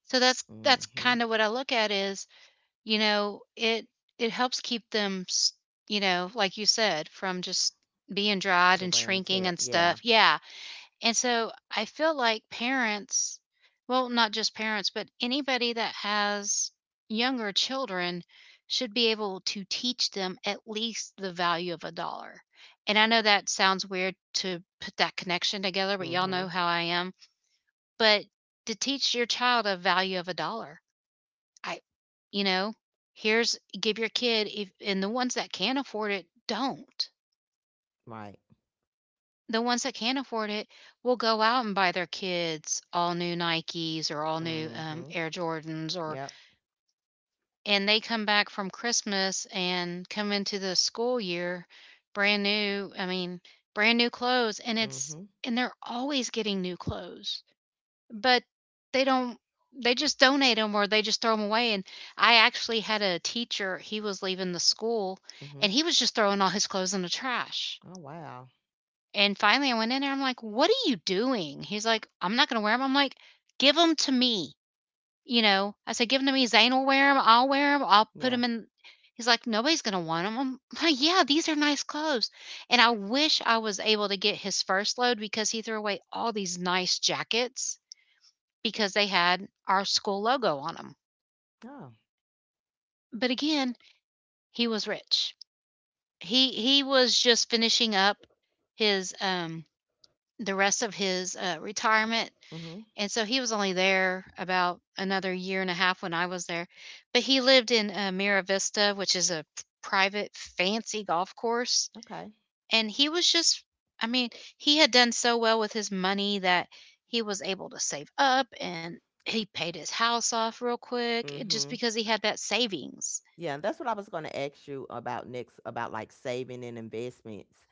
Speaker 1: so that's
Speaker 2: hmm,
Speaker 1: that's kind of what I look at, is, you know, it it helps keep them, s- you know, like you said, from just being
Speaker 2: the
Speaker 1: dried and
Speaker 2: wear and tear.
Speaker 1: shrinking and
Speaker 2: Yeah.
Speaker 1: stuff. Yeah. And so I feel like parents, well, not just parents, but anybody that has younger children should be able to teach them at least the value of a dollar. And I know that sounds weird to put that connection together, but y'all
Speaker 2: Mhm.
Speaker 1: know how I am. But to teach your child a value of a dollar, I you know, here's, give your kid if, and the ones that can't afford it don't.
Speaker 2: Right.
Speaker 1: The ones that can't afford it will go out and buy their kids all new Nikes or all new
Speaker 2: Mhm.
Speaker 1: um, Air Jordans,
Speaker 2: Yep.
Speaker 1: or, and they come back from Christmas and come into the school year brand new. I mean, brand new clothes, and
Speaker 2: Mhm.
Speaker 1: it's, and they're always getting new clothes, but they don't, they just donate them or they just throw them away. And I actually had a teacher, he was leaving the school
Speaker 2: Mhm.
Speaker 1: and he was just throwing all his clothes in the trash.
Speaker 2: Oh, wow.
Speaker 1: And finally I went in there, I'm like, "What are you doing?" He's like, "I'm not going to wear them." I'm like, give them to me. You know, I said, give them to me, Zane will wear them, I'll wear them, I'll
Speaker 2: Yeah.
Speaker 1: put them in. He's like, "Nobody's going to want them." I'm like, yeah, these are nice clothes. And I wish I was able to get his first load because he threw away all these nice jackets because they had our school logo on them.
Speaker 2: Oh.
Speaker 1: But again, he was rich. He he was just finishing up his um the rest of his uh, retirement,
Speaker 2: Mhm.
Speaker 1: and so he was only there about another year and a half when I was there. But he lived in uh, Mira Vista, which is a private fancy golf course.
Speaker 2: Okay.
Speaker 1: And he was just, I mean, he had done so well with his money that he was able to save up and he paid his house off real quick, eh, just
Speaker 2: Mhm.
Speaker 1: because he had that savings.
Speaker 2: Yeah, that's what I was going to ask you about next about like saving and investments.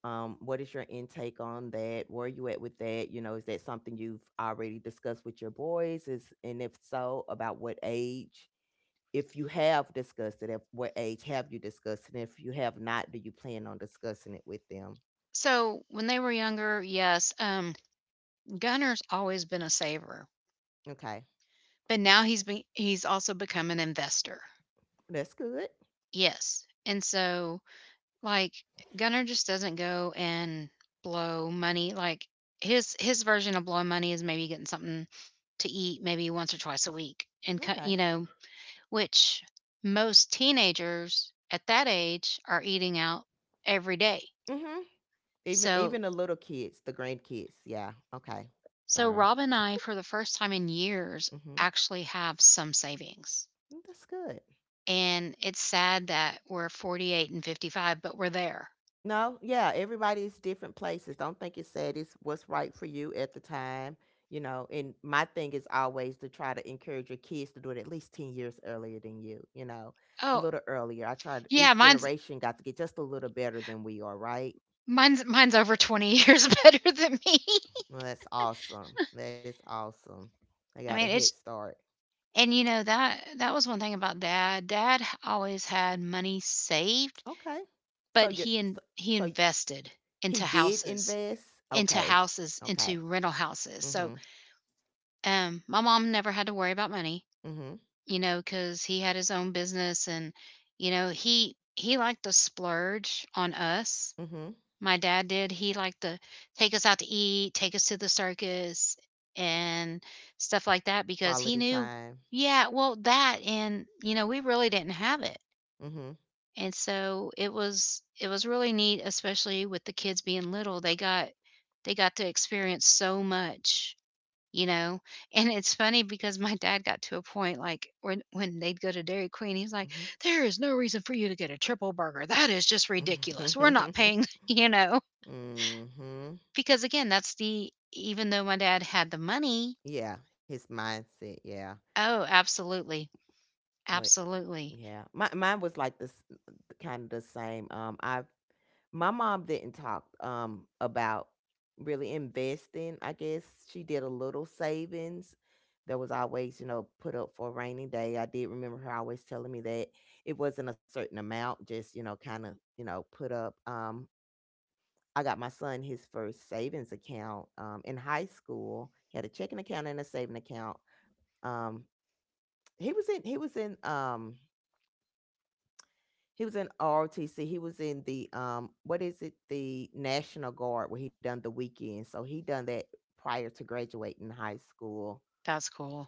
Speaker 2: Um what is your intake on that? Where are you at with that? You know, is that something you've already discussed with your boys? Is and if so, about what age? If you have discussed it, at what age have you discussed it? And if you have not, do you plan on discussing it with them?
Speaker 1: So, when they were younger, yes, um Gunner's always been a saver,
Speaker 2: Okay.
Speaker 1: but now he's be- he's also become an investor.
Speaker 2: That's good.
Speaker 1: Yes. And so, like, Gunner just doesn't go and blow money. Like, his his version of blowing money is maybe getting something to eat maybe once or twice a week and co-
Speaker 2: Okay.
Speaker 1: you know, which most teenagers at that age are eating out every day.
Speaker 2: Mhm. Even even
Speaker 1: So,
Speaker 2: the little kids, the grandkids. Yeah. Okay.
Speaker 1: so
Speaker 2: Sorry.
Speaker 1: Rob and I for the first time in years
Speaker 2: Mhm.
Speaker 1: actually have some savings.
Speaker 2: Mm, that's good.
Speaker 1: And it's sad that we're forty-eight and fifty-five, but we're there.
Speaker 2: No, yeah, everybody's different places. Don't think it's sad. It's what's right for you at the time, you know. And my thing is always to try to encourage your kids to do it at least ten years earlier than you, you know, a
Speaker 1: Oh,
Speaker 2: little earlier. I tried, each
Speaker 1: yeah, mine's
Speaker 2: generation got to get just a little better than we are, right?
Speaker 1: mine's mine's over twenty years better than me.
Speaker 2: Well, that's awesome. That is awesome. They got a
Speaker 1: I mean,
Speaker 2: head
Speaker 1: it's,
Speaker 2: start.
Speaker 1: and you know that that was one thing about Dad. Dad always had money saved,
Speaker 2: Okay. So
Speaker 1: but
Speaker 2: you
Speaker 1: he
Speaker 2: so,
Speaker 1: in, he
Speaker 2: so
Speaker 1: invested
Speaker 2: he
Speaker 1: into
Speaker 2: did
Speaker 1: houses,
Speaker 2: invest.
Speaker 1: into
Speaker 2: Okay.
Speaker 1: houses,
Speaker 2: Okay.
Speaker 1: into rental houses. So,
Speaker 2: Mhm.
Speaker 1: um, my mom never had to worry about money,
Speaker 2: Mhm.
Speaker 1: you know, because he had his own business, and you know, he he liked to splurge on us.
Speaker 2: Mhm.
Speaker 1: My dad did. He liked to take us out to eat, take us to the circus, and stuff like that because
Speaker 2: Quality
Speaker 1: he knew,
Speaker 2: time.
Speaker 1: yeah, well, that, and you know, we really didn't have it.
Speaker 2: Mhm.
Speaker 1: And so it was, it was really neat, especially with the kids being little. They got they got to experience so much, you know? And it's funny because my dad got to a point like when when they'd go to Dairy Queen, he's like,
Speaker 2: Mhm.
Speaker 1: "There is no reason for you to get a triple burger. That is just ridiculous. We're not
Speaker 2: Mhm.
Speaker 1: paying, you know." Because again, that's the, even though my dad had the money,
Speaker 2: Yeah, his mindset. Yeah.
Speaker 1: oh, absolutely.
Speaker 2: But
Speaker 1: Absolutely.
Speaker 2: yeah, my mine was like this, uh, kind of the same. Um, I My mom didn't talk, um, about really investing, I guess. She did a little savings that was always, you know, put up for a rainy day. I did remember her always telling me that it wasn't a certain amount, just, you know, kind of, you know, put up. Um, I got my son his first savings account um, in high school. He had a checking account and a saving account. Um, he was in he was in um he was in R O T C. He was in the um, what is it? The National Guard, where he done the weekend. So he done that prior to graduating high school.
Speaker 1: That's cool.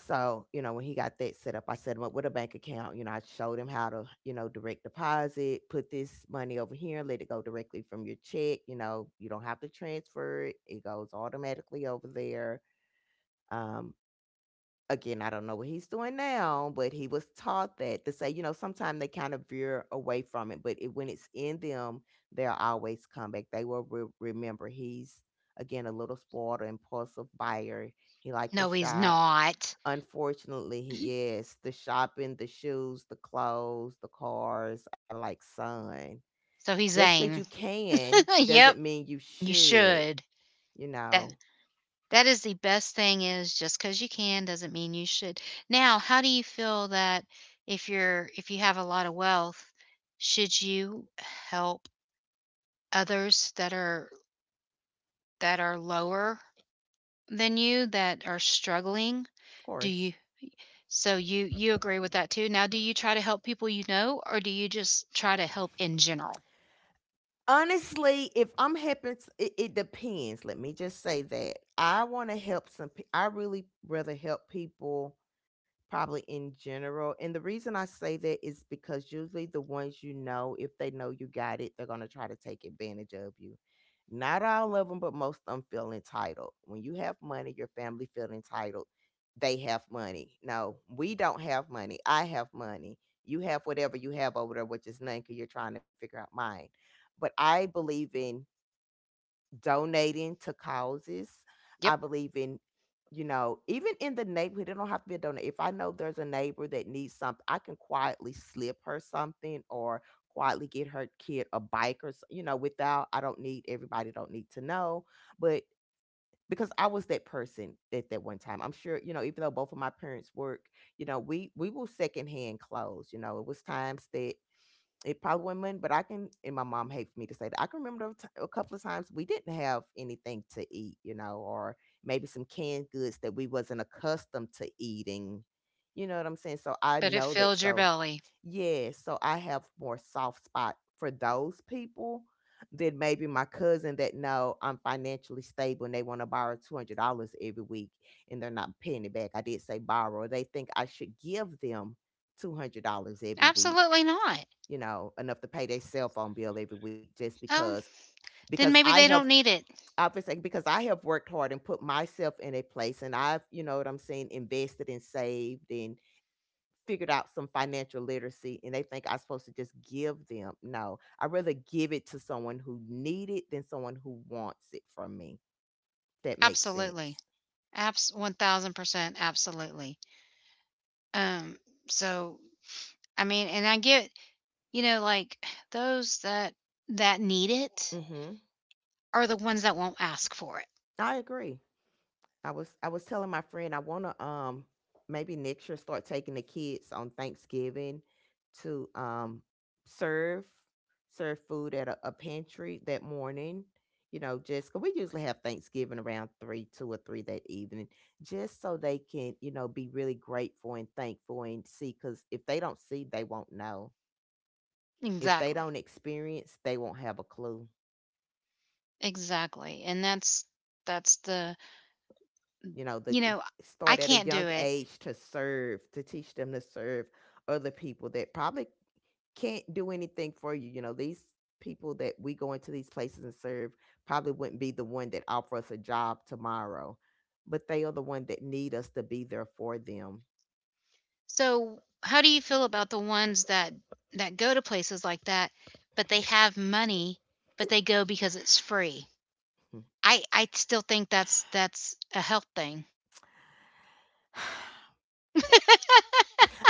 Speaker 2: So you know, when he got that set up, I set him up with a bank account. You know, I showed him how to you know direct deposit, put this money over here, let it go directly from your check. You know, you don't have to transfer it; it goes automatically over there. Um, Again, I don't know what he's doing now, but he was taught that to say, you know, sometimes they kind of veer away from it, but it, when it's in them, they'll always come back. They will re- remember he's, again, a little spoiled or impulsive buyer. He liked to
Speaker 1: No, he's
Speaker 2: shop.
Speaker 1: not.
Speaker 2: Unfortunately, he is the shopping, the shoes, the clothes, the cars are like son.
Speaker 1: So he's
Speaker 2: Just because you
Speaker 1: Zane.
Speaker 2: can
Speaker 1: Yep,
Speaker 2: doesn't mean you
Speaker 1: you
Speaker 2: should,
Speaker 1: should.
Speaker 2: you
Speaker 1: That,
Speaker 2: know,
Speaker 1: that is the best thing, is just because you can doesn't mean you should. Now, how do you feel that if you're if you have a lot of wealth, should you help others that are that are lower than you, that are struggling?
Speaker 2: of
Speaker 1: Do
Speaker 2: course.
Speaker 1: you so you you agree with that too? Now, do you try to help people you know or do you just try to help in general?
Speaker 2: Honestly, if I'm helping, s- it, it depends. Let me just say that I want to help some. pe- I really rather help people probably in general. And the reason I say that is because usually the ones you know, if they know you got it, they're going to try to take advantage of you. Not all of them, but most of them feel entitled. When you have money, your family feel entitled. They have money. No, we don't have money. I have money. You have whatever you have over there, which is none because you're trying to figure out mine. But I believe in donating to causes.
Speaker 1: Yep.
Speaker 2: I believe in, you know, even in the neighborhood, it don't have to be a donor. If I know there's a neighbor that needs something, I can quietly slip her something or quietly get her kid a bike or, s- you know, without, I don't need, everybody don't need to know. But because I was that person at that one time. I'm sure, you know, even though both of my parents work, you know, we we will secondhand clothes. You know, it was times that it probably wouldn't win, but I can. And my mom hates me to say that. I can remember a, t- a couple of times we didn't have anything to eat, you know, or maybe some canned goods that we wasn't accustomed to eating. You know what I'm saying? So I
Speaker 1: But it
Speaker 2: know that.
Speaker 1: fills your
Speaker 2: So
Speaker 1: belly.
Speaker 2: yeah, so I have more soft spot for those people than maybe my cousin that know I'm financially stable and they want to borrow two hundred dollars every week and they're not paying it back. I did say borrow. They think I should give them two hundred dollars every week,
Speaker 1: Absolutely not.
Speaker 2: you know, enough to pay their cell phone bill every week just because
Speaker 1: Oh,
Speaker 2: because
Speaker 1: then
Speaker 2: I
Speaker 1: maybe they
Speaker 2: have
Speaker 1: don't need it.
Speaker 2: obviously because I have worked hard and put myself in a place and I've, you know what I'm saying, invested and saved and figured out some financial literacy and they think I'm supposed to just give them. No, I rather give it to someone who need it than someone who wants it from me. If that makes
Speaker 1: Absolutely.
Speaker 2: sense.
Speaker 1: Abs one thousand percent, absolutely. Um, so, I mean, and I get, you know, like, those that that need it
Speaker 2: Mhm.
Speaker 1: are the ones that won't ask for it.
Speaker 2: I agree. I was I was telling my friend I want to um maybe next year start taking the kids on Thanksgiving to um serve serve food at a, a pantry that morning. You know, just 'cause we usually have Thanksgiving around three, two or three that evening, just so they can you know be really grateful and thankful and see. Because if they don't see, they won't know. If they
Speaker 1: Exactly.
Speaker 2: don't experience, they won't have a clue.
Speaker 1: Exactly. And that's that's the,
Speaker 2: You know, the
Speaker 1: you know, I
Speaker 2: start at a
Speaker 1: can't
Speaker 2: young
Speaker 1: do it.
Speaker 2: age to serve to teach them to serve other people that probably can't do anything for you, you know, these people that we go into these places and serve probably wouldn't be the one that offer us a job tomorrow, but they are the one that need us to be there for them.
Speaker 1: So, how do you feel about the ones that that go to places like that, but they have money, but they go because it's free? I I still think that's that's a health thing.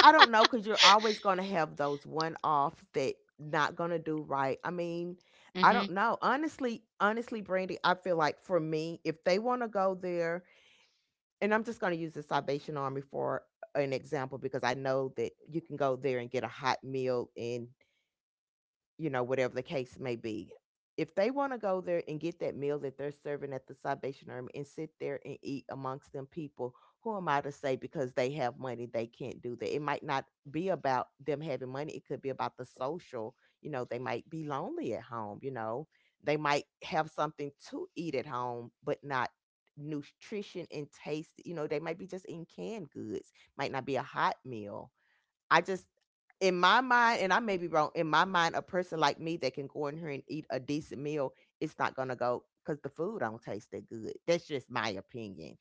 Speaker 2: I don't know because you're always going to have those one-offs that not going to do right. I mean, I
Speaker 1: Mm-hmm.
Speaker 2: don't know honestly, honestly, Brandy, I feel like for me if they want to go there, and I'm just going to use the Salvation Army for uh, an example because I know that you can go there and get a hot meal and you know, whatever the case may be. If they want to go there and get that meal that they're serving at the Salvation Army and sit there and eat amongst them people, who am I to say because they have money they can't do that? It might not be about them having money, it could be about the social. You know, they might be lonely at home, you know, they might have something to eat at home, but not nutrition and taste. You know, they might be just eating canned goods, might not be a hot meal. I just in my mind, and I may be wrong, in my mind, a person like me that can go in here and eat a decent meal, it's not gonna go because the food don't taste that good. That's just my opinion.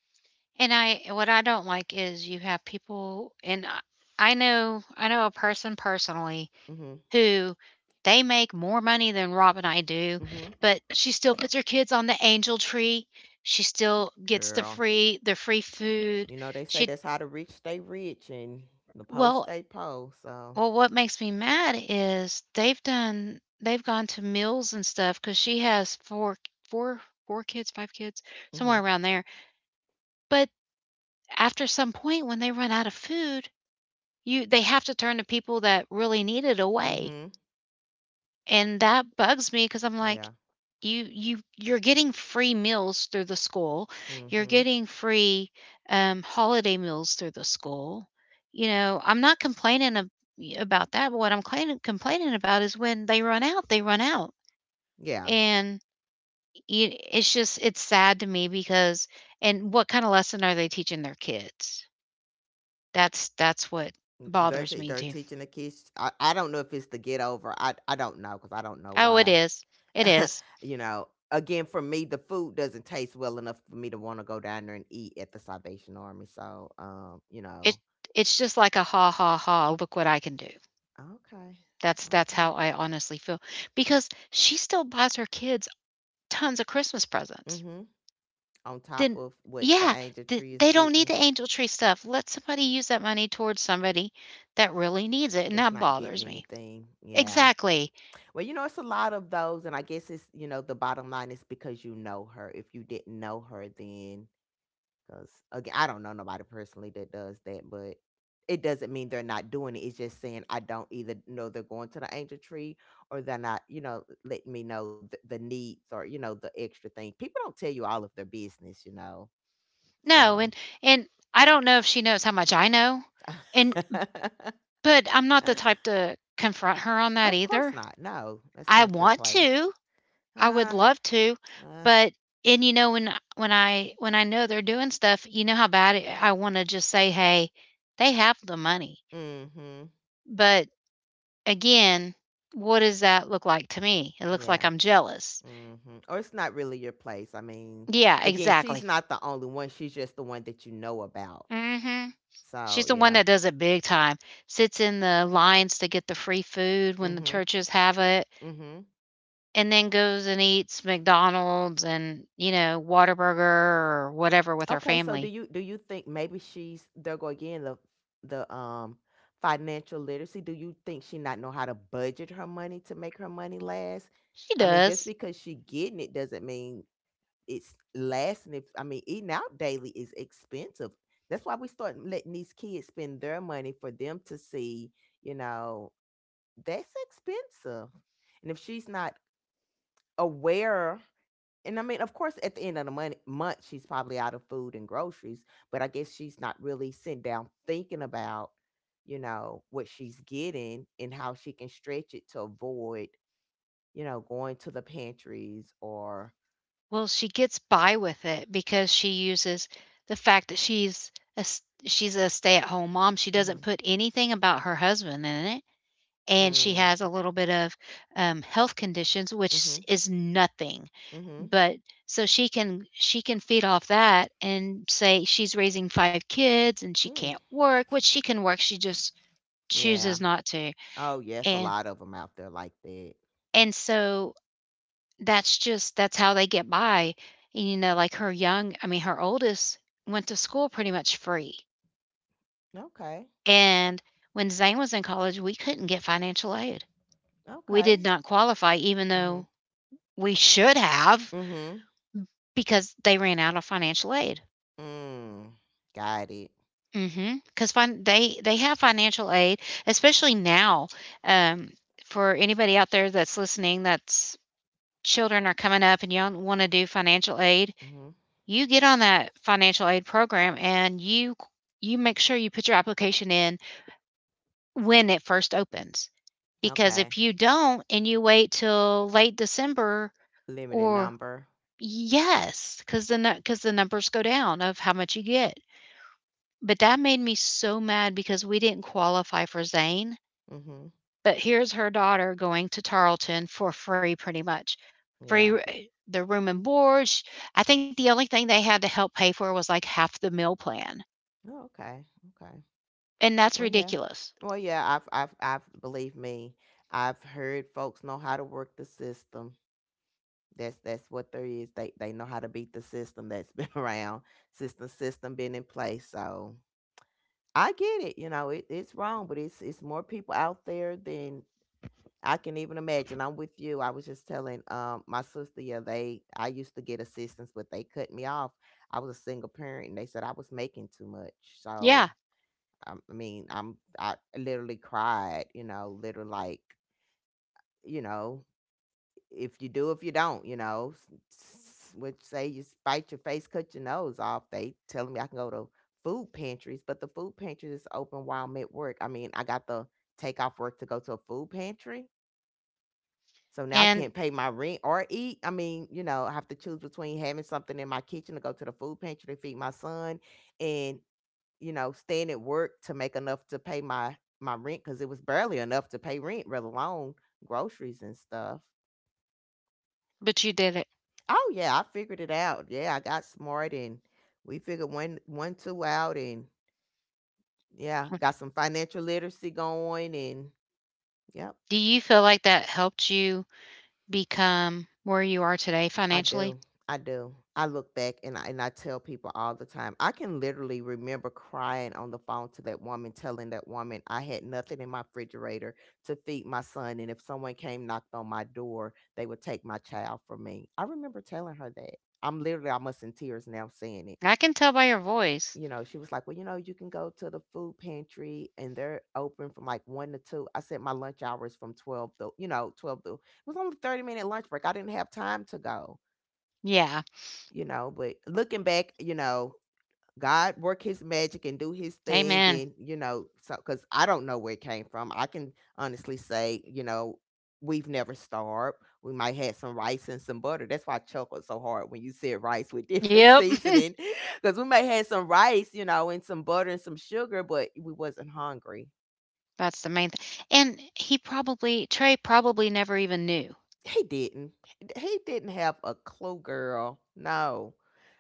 Speaker 1: And I, what I don't like is, you have people, and I I know, I know a person personally
Speaker 2: Hmm.
Speaker 1: who, they make more money than Rob and I do,
Speaker 2: Hmm.
Speaker 1: but she still puts her kids on the angel tree. She still gets the
Speaker 2: Girl,
Speaker 1: free the free food.
Speaker 2: you know they say
Speaker 1: She
Speaker 2: that's how the rich stay rich and the poor
Speaker 1: Well,
Speaker 2: stay poor. So,
Speaker 1: well, what makes me mad is they've done, they've gone to meals and stuff because she has four, four, four kids, five kids,
Speaker 2: hmm.
Speaker 1: somewhere around there. But after some point when they run out of food, You they have to turn to people that really need it away,
Speaker 2: Hmm.
Speaker 1: and that bugs me because, 'cause I'm like,
Speaker 2: Yeah.
Speaker 1: "You you you're getting free meals through the school, you're
Speaker 2: Hmm.
Speaker 1: getting free, um, holiday meals through the school." You know, I'm not complaining ab about that, but what I'm claini complaining about is, when they run out, they run out,
Speaker 2: Yeah.
Speaker 1: and y it's just, it's sad to me because, and what kinda lesson are they teaching their kids? That's that's what
Speaker 2: Mm, they're,
Speaker 1: bothers
Speaker 2: te-
Speaker 1: me
Speaker 2: they're
Speaker 1: too.
Speaker 2: teaching the kids. I, I don't know if it's to get over. I I don't know because I don't know
Speaker 1: Oh, it
Speaker 2: why
Speaker 1: is. It is.
Speaker 2: you know, again, for me, the food doesn't taste well enough for me to want to go down there and eat at the Salvation Army. So, um, you
Speaker 1: It,
Speaker 2: know,
Speaker 1: it's just like a ha ha ha, look what I can do.
Speaker 2: okay,
Speaker 1: That's that's
Speaker 2: okay,
Speaker 1: how I honestly feel because she still buys her kids tons of Christmas presents.
Speaker 2: mm-hmm. On top
Speaker 1: Then
Speaker 2: of what the
Speaker 1: yeah,
Speaker 2: angel
Speaker 1: th-
Speaker 2: tree is
Speaker 1: they don't need
Speaker 2: getting,
Speaker 1: the angel tree stuff. Let somebody use that money towards somebody that really needs it, and
Speaker 2: that's
Speaker 1: that
Speaker 2: not getting
Speaker 1: bothers me.
Speaker 2: anything. Yeah.
Speaker 1: Exactly.
Speaker 2: Well, you know, it's a lot of those, and I guess it's you know the bottom line is because you know her. If you didn't know her, then because again, I don't know nobody personally that does that, but it doesn't mean they're not doing it. It's just saying I don't either know they're going to the angel tree or they're not, you know, letting me know the, the needs or, you know, the extra thing. People don't tell you all of their business, you know.
Speaker 1: No,
Speaker 2: So,
Speaker 1: and and I don't know if she knows how much I know. And but I'm not the type to confront her on that
Speaker 2: of course
Speaker 1: either.
Speaker 2: not. No, that's
Speaker 1: I
Speaker 2: not your
Speaker 1: want
Speaker 2: place.
Speaker 1: to, I would
Speaker 2: Uh,
Speaker 1: love to,
Speaker 2: uh,
Speaker 1: but and you know when when I when I know they're doing stuff, you know how bad it, I want to just say, "Hey, they have the money."
Speaker 2: mm-hmm.
Speaker 1: But again, what does that look like to me? It looks like
Speaker 2: Yeah.
Speaker 1: I'm jealous.
Speaker 2: Mm-hmm. Or it's not really your place. I mean,
Speaker 1: Yeah,
Speaker 2: again, she's
Speaker 1: exactly.
Speaker 2: not the only one. She's just the one that you know about.
Speaker 1: Mhm. She's
Speaker 2: So
Speaker 1: the one
Speaker 2: yeah.
Speaker 1: that does it big time. Sits in the lines to get the free food when the
Speaker 2: Mhm.
Speaker 1: churches have it,
Speaker 2: Mhm.
Speaker 1: and then goes and eats McDonald's and, you know, Whataburger or whatever with her
Speaker 2: Okay. So do
Speaker 1: family.
Speaker 2: you do you think maybe she's there go again the the um financial literacy? Do you think she not know how to budget her money to make her money last?
Speaker 1: She
Speaker 2: I mean, just
Speaker 1: does.
Speaker 2: because she getting it doesn't mean it's lasting. If I mean, eating out daily is expensive. That's why we start letting these kids spend their money for them to see. You know, that's expensive. And if she's not aware and I mean, of course, at the end of the month, month, she's probably out of food and groceries, but I guess she's not really sitting down thinking about, you know, what she's getting and how she can stretch it to avoid, you know, going to the pantries or.
Speaker 1: Well, she gets by with it because she uses the fact that she's a s she's a stay-at-home mom, she doesn't
Speaker 2: Mm-hmm,
Speaker 1: put anything about her husband in it, and she
Speaker 2: mm,
Speaker 1: has a little bit of, um, health conditions, which
Speaker 2: mm-hmm,
Speaker 1: s- is nothing,
Speaker 2: mm-hmm,
Speaker 1: but so she can she can feed off that and say she's raising five kids and she
Speaker 2: mm.
Speaker 1: can't work, which she can work, she just
Speaker 2: Yeah.
Speaker 1: chooses not to,
Speaker 2: Oh, yes, a
Speaker 1: and
Speaker 2: lot of them out there like that.
Speaker 1: and so That's just that's how they get by. And, you know, like her young I mean, her oldest went to school pretty much free.
Speaker 2: Okay.
Speaker 1: And when Zane was in college, we couldn't get financial aid. We
Speaker 2: Okay.
Speaker 1: did not qualify, even
Speaker 2: Mm-hmm.
Speaker 1: though we should have,
Speaker 2: Mm-hmm.
Speaker 1: because they ran out of financial aid.
Speaker 2: Mm. Got it.
Speaker 1: Mm-hmm. Because fin- they they have financial aid, especially now. Um, for anybody out there that's listening, that's children are coming up and y'all want to do financial aid,
Speaker 2: Mm-hmm.
Speaker 1: you get on that financial aid program and you you make sure you put your application in when it first opens. Because if
Speaker 2: Okay.
Speaker 1: you don't and you wait till late December,
Speaker 2: Limited
Speaker 1: or
Speaker 2: number.
Speaker 1: yes, because the because the numbers go down of how much you get. But that made me so mad because we didn't qualify for Zane.
Speaker 2: Mm-hmm.
Speaker 1: But here's her daughter going to Tarleton for free, pretty much free
Speaker 2: Yeah.
Speaker 1: r- the room and board. sh- I think the only thing they had to help pay for was like half the meal plan.
Speaker 2: Oh, okay. Okay.
Speaker 1: And that's
Speaker 2: Well, yeah.
Speaker 1: ridiculous.
Speaker 2: Well, yeah, I've I've I've believe me, I've heard folks know how to work the system. That's that's what there is. They they know how to beat the system that's been around since the system been in place. So I get it, you know, it, it's wrong, but it's it's more people out there than I can even imagine. I'm with you. I was just telling um my sister, yeah, they I used to get assistance, but they cut me off. I was a single parent and they said I was making too much.
Speaker 1: Yeah,
Speaker 2: So Um, I mean, I'm I literally cried, you know, literally like, you know, if you do, if you don't, you know, s- s- which say you bite your face, cut your nose off. They telling me I can go to food pantries, but the food pantries is open while I'm at work. I mean, I got to take off work to go to a food pantry. So now I
Speaker 1: and
Speaker 2: can't pay my rent or eat. I mean, you know, I have to choose between having something in my kitchen to go to the food pantry to feed my son and you know, staying at work to make enough to pay my my rent because it was barely enough to pay rent, let alone groceries and stuff.
Speaker 1: but you did it.
Speaker 2: Oh yeah, I figured it out. Yeah, I got smart and we figured one one two out and yeah,
Speaker 1: Mm.
Speaker 2: got some financial literacy going and yep.
Speaker 1: Do you feel like that helped you become where you are today
Speaker 2: I
Speaker 1: financially?
Speaker 2: do. I do. I look back and I, and I tell people all the time. I can literally remember crying on the phone to that woman, telling that woman I had nothing in my refrigerator to feed my son, and if someone came knocked on my door, they would take my child from me. I remember telling her that. I'm literally almost in tears now saying it.
Speaker 1: I can tell by your voice.
Speaker 2: You know, she was like, "Well, you know, you can go to the food pantry, and they're open from like one to two." I said my lunch hour is from twelve to, you know, twelve to. It was only thirty minute lunch break. I didn't have time to go
Speaker 1: Yeah.
Speaker 2: you know, but looking back, you know, God work his magic and do his thing
Speaker 1: Amen.
Speaker 2: and you know, so cuz I don't know where it came from. I can honestly say, you know, we've never starved. We might had some rice and some butter. That's why I chuckled so hard when you said rice with different
Speaker 1: Yep.
Speaker 2: seasoning cuz we may had some rice, you know, and some butter and some sugar, but we wasn't hungry.
Speaker 1: That's the main thing. And he probably Trey probably never even knew.
Speaker 2: He didn't. He didn't have a clue, girl. No.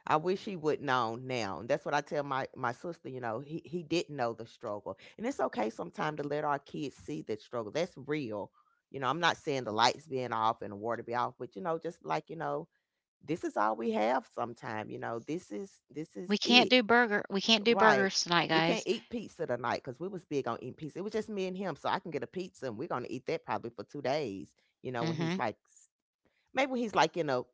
Speaker 2: I wish he would known now. And that's what I tell my my sister, you know, he he didn't know the struggle. And it's okay sometimes to let our kids see that struggle. That's real. You know, I'm not saying the lights being off and the water be off, but you know, just like, you know, this is all we have sometime, you know. This is this
Speaker 1: "We
Speaker 2: is
Speaker 1: can't
Speaker 2: it.
Speaker 1: do burger we can't do
Speaker 2: Right.
Speaker 1: burgers tonight,
Speaker 2: We can't
Speaker 1: guys."
Speaker 2: eat pizza tonight because we was big on eating pizza. It was just me and him, so I can get a pizza and we're gonna eat that probably for two days you know, when he's
Speaker 1: Mhm.
Speaker 2: like Maybe when he's like, you know,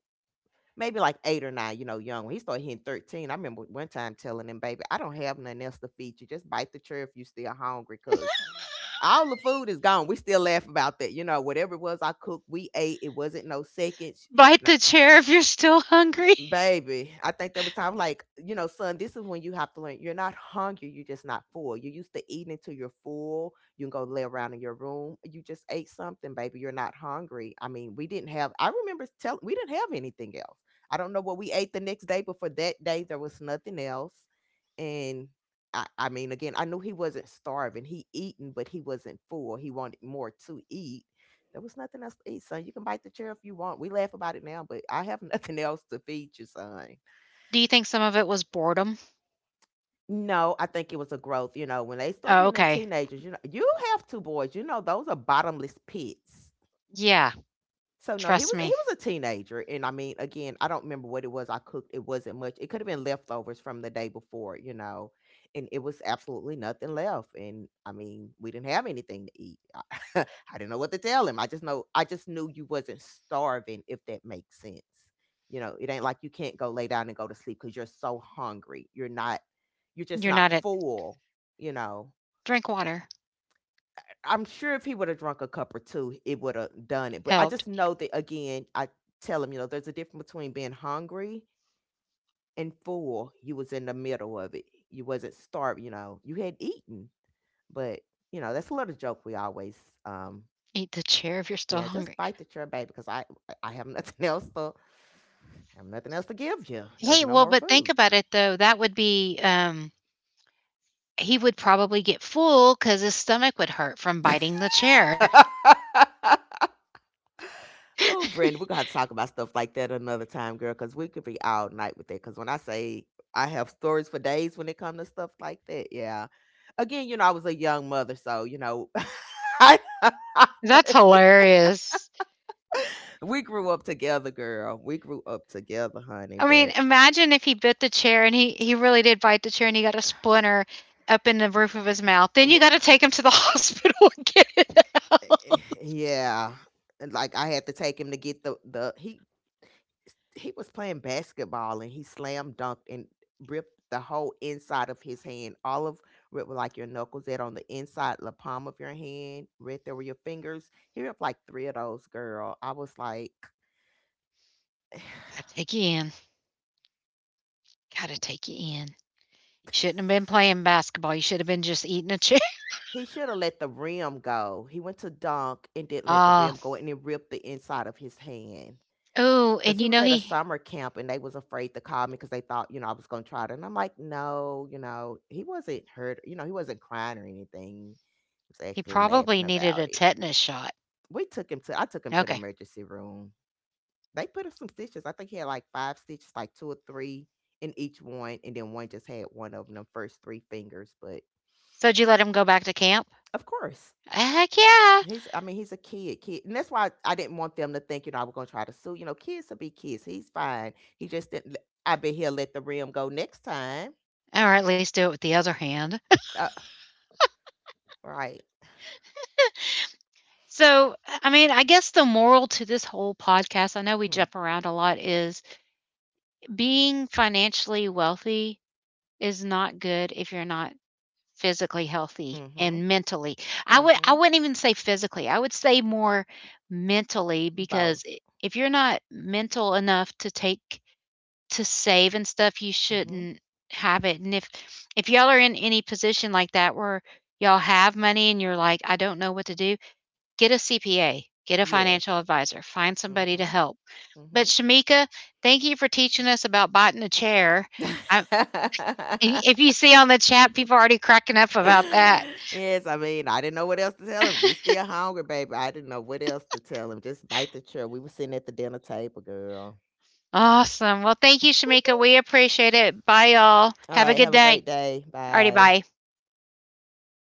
Speaker 2: maybe like eight or nine, you know, young. When he started hitting thirteen, I remember one time telling him, baby, I don't have nothing else to feed you. Just bite the cherry if you still hungry because all the food is gone. We still laugh about that. You know, whatever it was I cooked, we ate. It wasn't no seconds.
Speaker 1: "Bite the chair if you're still hungry."
Speaker 2: M- Baby, I think there was time like, you know, son, this is when you have to learn. You're not hungry, you're just not full. You're used to eating until you're full. You can go lay around in your room. You just ate something, baby. You're not hungry. I mean, we didn't have I remember telling we didn't have anything else. I don't know what we ate the next day, but for that day there was nothing else. And I, I mean, again, I knew he wasn't starving. He eaten, but he wasn't full. He wanted more to eat. There was nothing else to eat, son. You can bite the chair if you want. We laugh about it now, but I have nothing else to feed you, son.
Speaker 1: Do you think some of it was boredom?
Speaker 2: No, I think it was a growth. You know, when they start
Speaker 1: Oh,
Speaker 2: being them
Speaker 1: okay.
Speaker 2: teenagers, you know, you have two boys. You know, those are bottomless pits.
Speaker 1: Yeah,
Speaker 2: So no, he
Speaker 1: trust
Speaker 2: was he
Speaker 1: me.
Speaker 2: was a teenager, and I mean, again, I don't remember what it was I cooked. It wasn't much. It could have been leftovers from the day before, you know, and it was absolutely nothing left. And I mean, we didn't have anything to eat. I, didn't know what to tell him. I just know I just knew you wasn't starving, if that makes sense. You know, it ain't like you can't go lay down and go to sleep because you're so hungry. You're not. You're just
Speaker 1: You're
Speaker 2: not
Speaker 1: not at,
Speaker 2: full. You know,
Speaker 1: drink water
Speaker 2: I'm sure if he would have drunk a cup or two, it would have done it. But I
Speaker 1: helped.
Speaker 2: just know that again, I tell him, you know, there's a difference between being hungry and full. You was in the middle of it. You wasn't starving, you know. You had eaten. But, you know, that's a little joke we always um
Speaker 1: Eat the chair if you're still
Speaker 2: yeah, just
Speaker 1: hungry.
Speaker 2: bite the chair, baby because I I have nothing else to have nothing else to give you. There's
Speaker 1: Hey,
Speaker 2: no
Speaker 1: well,
Speaker 2: more
Speaker 1: but think
Speaker 2: food.
Speaker 1: about it though, that would be, um he would probably get full because his stomach would hurt from biting the chair.
Speaker 2: Oh, Brandon, we're gonna have to talk about stuff like that another time, girl, because we could be all night with it. Because when I say I have stories for days when it comes to stuff like that, yeah. Again, you know, I was a young mother, so you know, I,
Speaker 1: That's hilarious.
Speaker 2: we grew up together, girl. We grew up together, honey.
Speaker 1: I mean,
Speaker 2: But
Speaker 1: imagine if he bit the chair and he he really did bite the chair and he got a splinter up in the roof of his mouth, then you gotta take him to the hospital and get it
Speaker 2: eh,
Speaker 1: out.
Speaker 2: eh, Yeah, and, like I had to take him to get the the he he was playing basketball and he slam dunked and ripped the whole inside of his hand. All of ripped with, like your knuckles that on the inside, the palm of your hand, right there were your fingers. He ripped like three of those, girl. I was like,
Speaker 1: Gotta take you in, gotta take you in. Shouldn't have been playing basketball, you should have been just eating a chair.
Speaker 2: he should have let the rim go. He went to dunk and didn't let the
Speaker 1: Ah.
Speaker 2: rim go and it ripped the inside of his hand.
Speaker 1: Oh,
Speaker 2: Because
Speaker 1: and
Speaker 2: he
Speaker 1: you
Speaker 2: was
Speaker 1: know
Speaker 2: at a
Speaker 1: he
Speaker 2: summer camp and they was afraid to call me because they thought you know I was going to try it and I'm like no, you know he wasn't hurt, you know he wasn't crying or anything. He was
Speaker 1: He
Speaker 2: actually laughing
Speaker 1: probably needed
Speaker 2: about
Speaker 1: a
Speaker 2: it.
Speaker 1: tetanus shot.
Speaker 2: We took him to i took him to the
Speaker 1: Okay.
Speaker 2: emergency room. They put him some stitches. I think he had like five stitches, like two or three in each one and then one just had one of them first three fingers but
Speaker 1: So did you let him go back to camp?
Speaker 2: of course.
Speaker 1: Heck yeah.
Speaker 2: He's I mean, he's a kid, kid. And that's why I didn't want them to think, you know, I was gonna try to sue. You know, kids will be kids. He's fine. He just didn't let- I bet he'll let the rim go next time.
Speaker 1: Or at least do it with the other hand.
Speaker 2: Uh, right.
Speaker 1: So, I mean, I guess the moral to this whole podcast, I know we
Speaker 2: Hmm.
Speaker 1: jump around a lot, is being financially wealthy is not good if you're not physically healthy
Speaker 2: Mm-hmm.
Speaker 1: and mentally. I would I
Speaker 2: Mm-hmm.
Speaker 1: wouldn't even say physically. I would say more mentally
Speaker 2: Both.
Speaker 1: because if you're not mental enough to take to save and stuff, you
Speaker 2: Mm-hmm.
Speaker 1: shouldn't have it. And if if y'all are in any position like that where y'all have money and you're like, I don't know what to do, get a C P A, get a
Speaker 2: Yes.
Speaker 1: financial advisor, find somebody to
Speaker 2: Mm-hmm.
Speaker 1: help. But
Speaker 2: Mm-hmm.
Speaker 1: Shamika, thank you for teaching us about biting a chair. I, if you see on the chat, people are already cracking up about that.
Speaker 2: Yes, I mean, I didn't know what else to tell him. If he's still hungry, baby, I didn't know what else to tell him. Just bite the chair. We were sitting at the dinner table, girl.
Speaker 1: Awesome. Well, thank you, Shamika. We appreciate it. Bye, y'all.
Speaker 2: All
Speaker 1: Have a
Speaker 2: right,
Speaker 1: good
Speaker 2: have a
Speaker 1: day.
Speaker 2: great day.
Speaker 1: Alrighty,
Speaker 2: Bye.
Speaker 1: bye.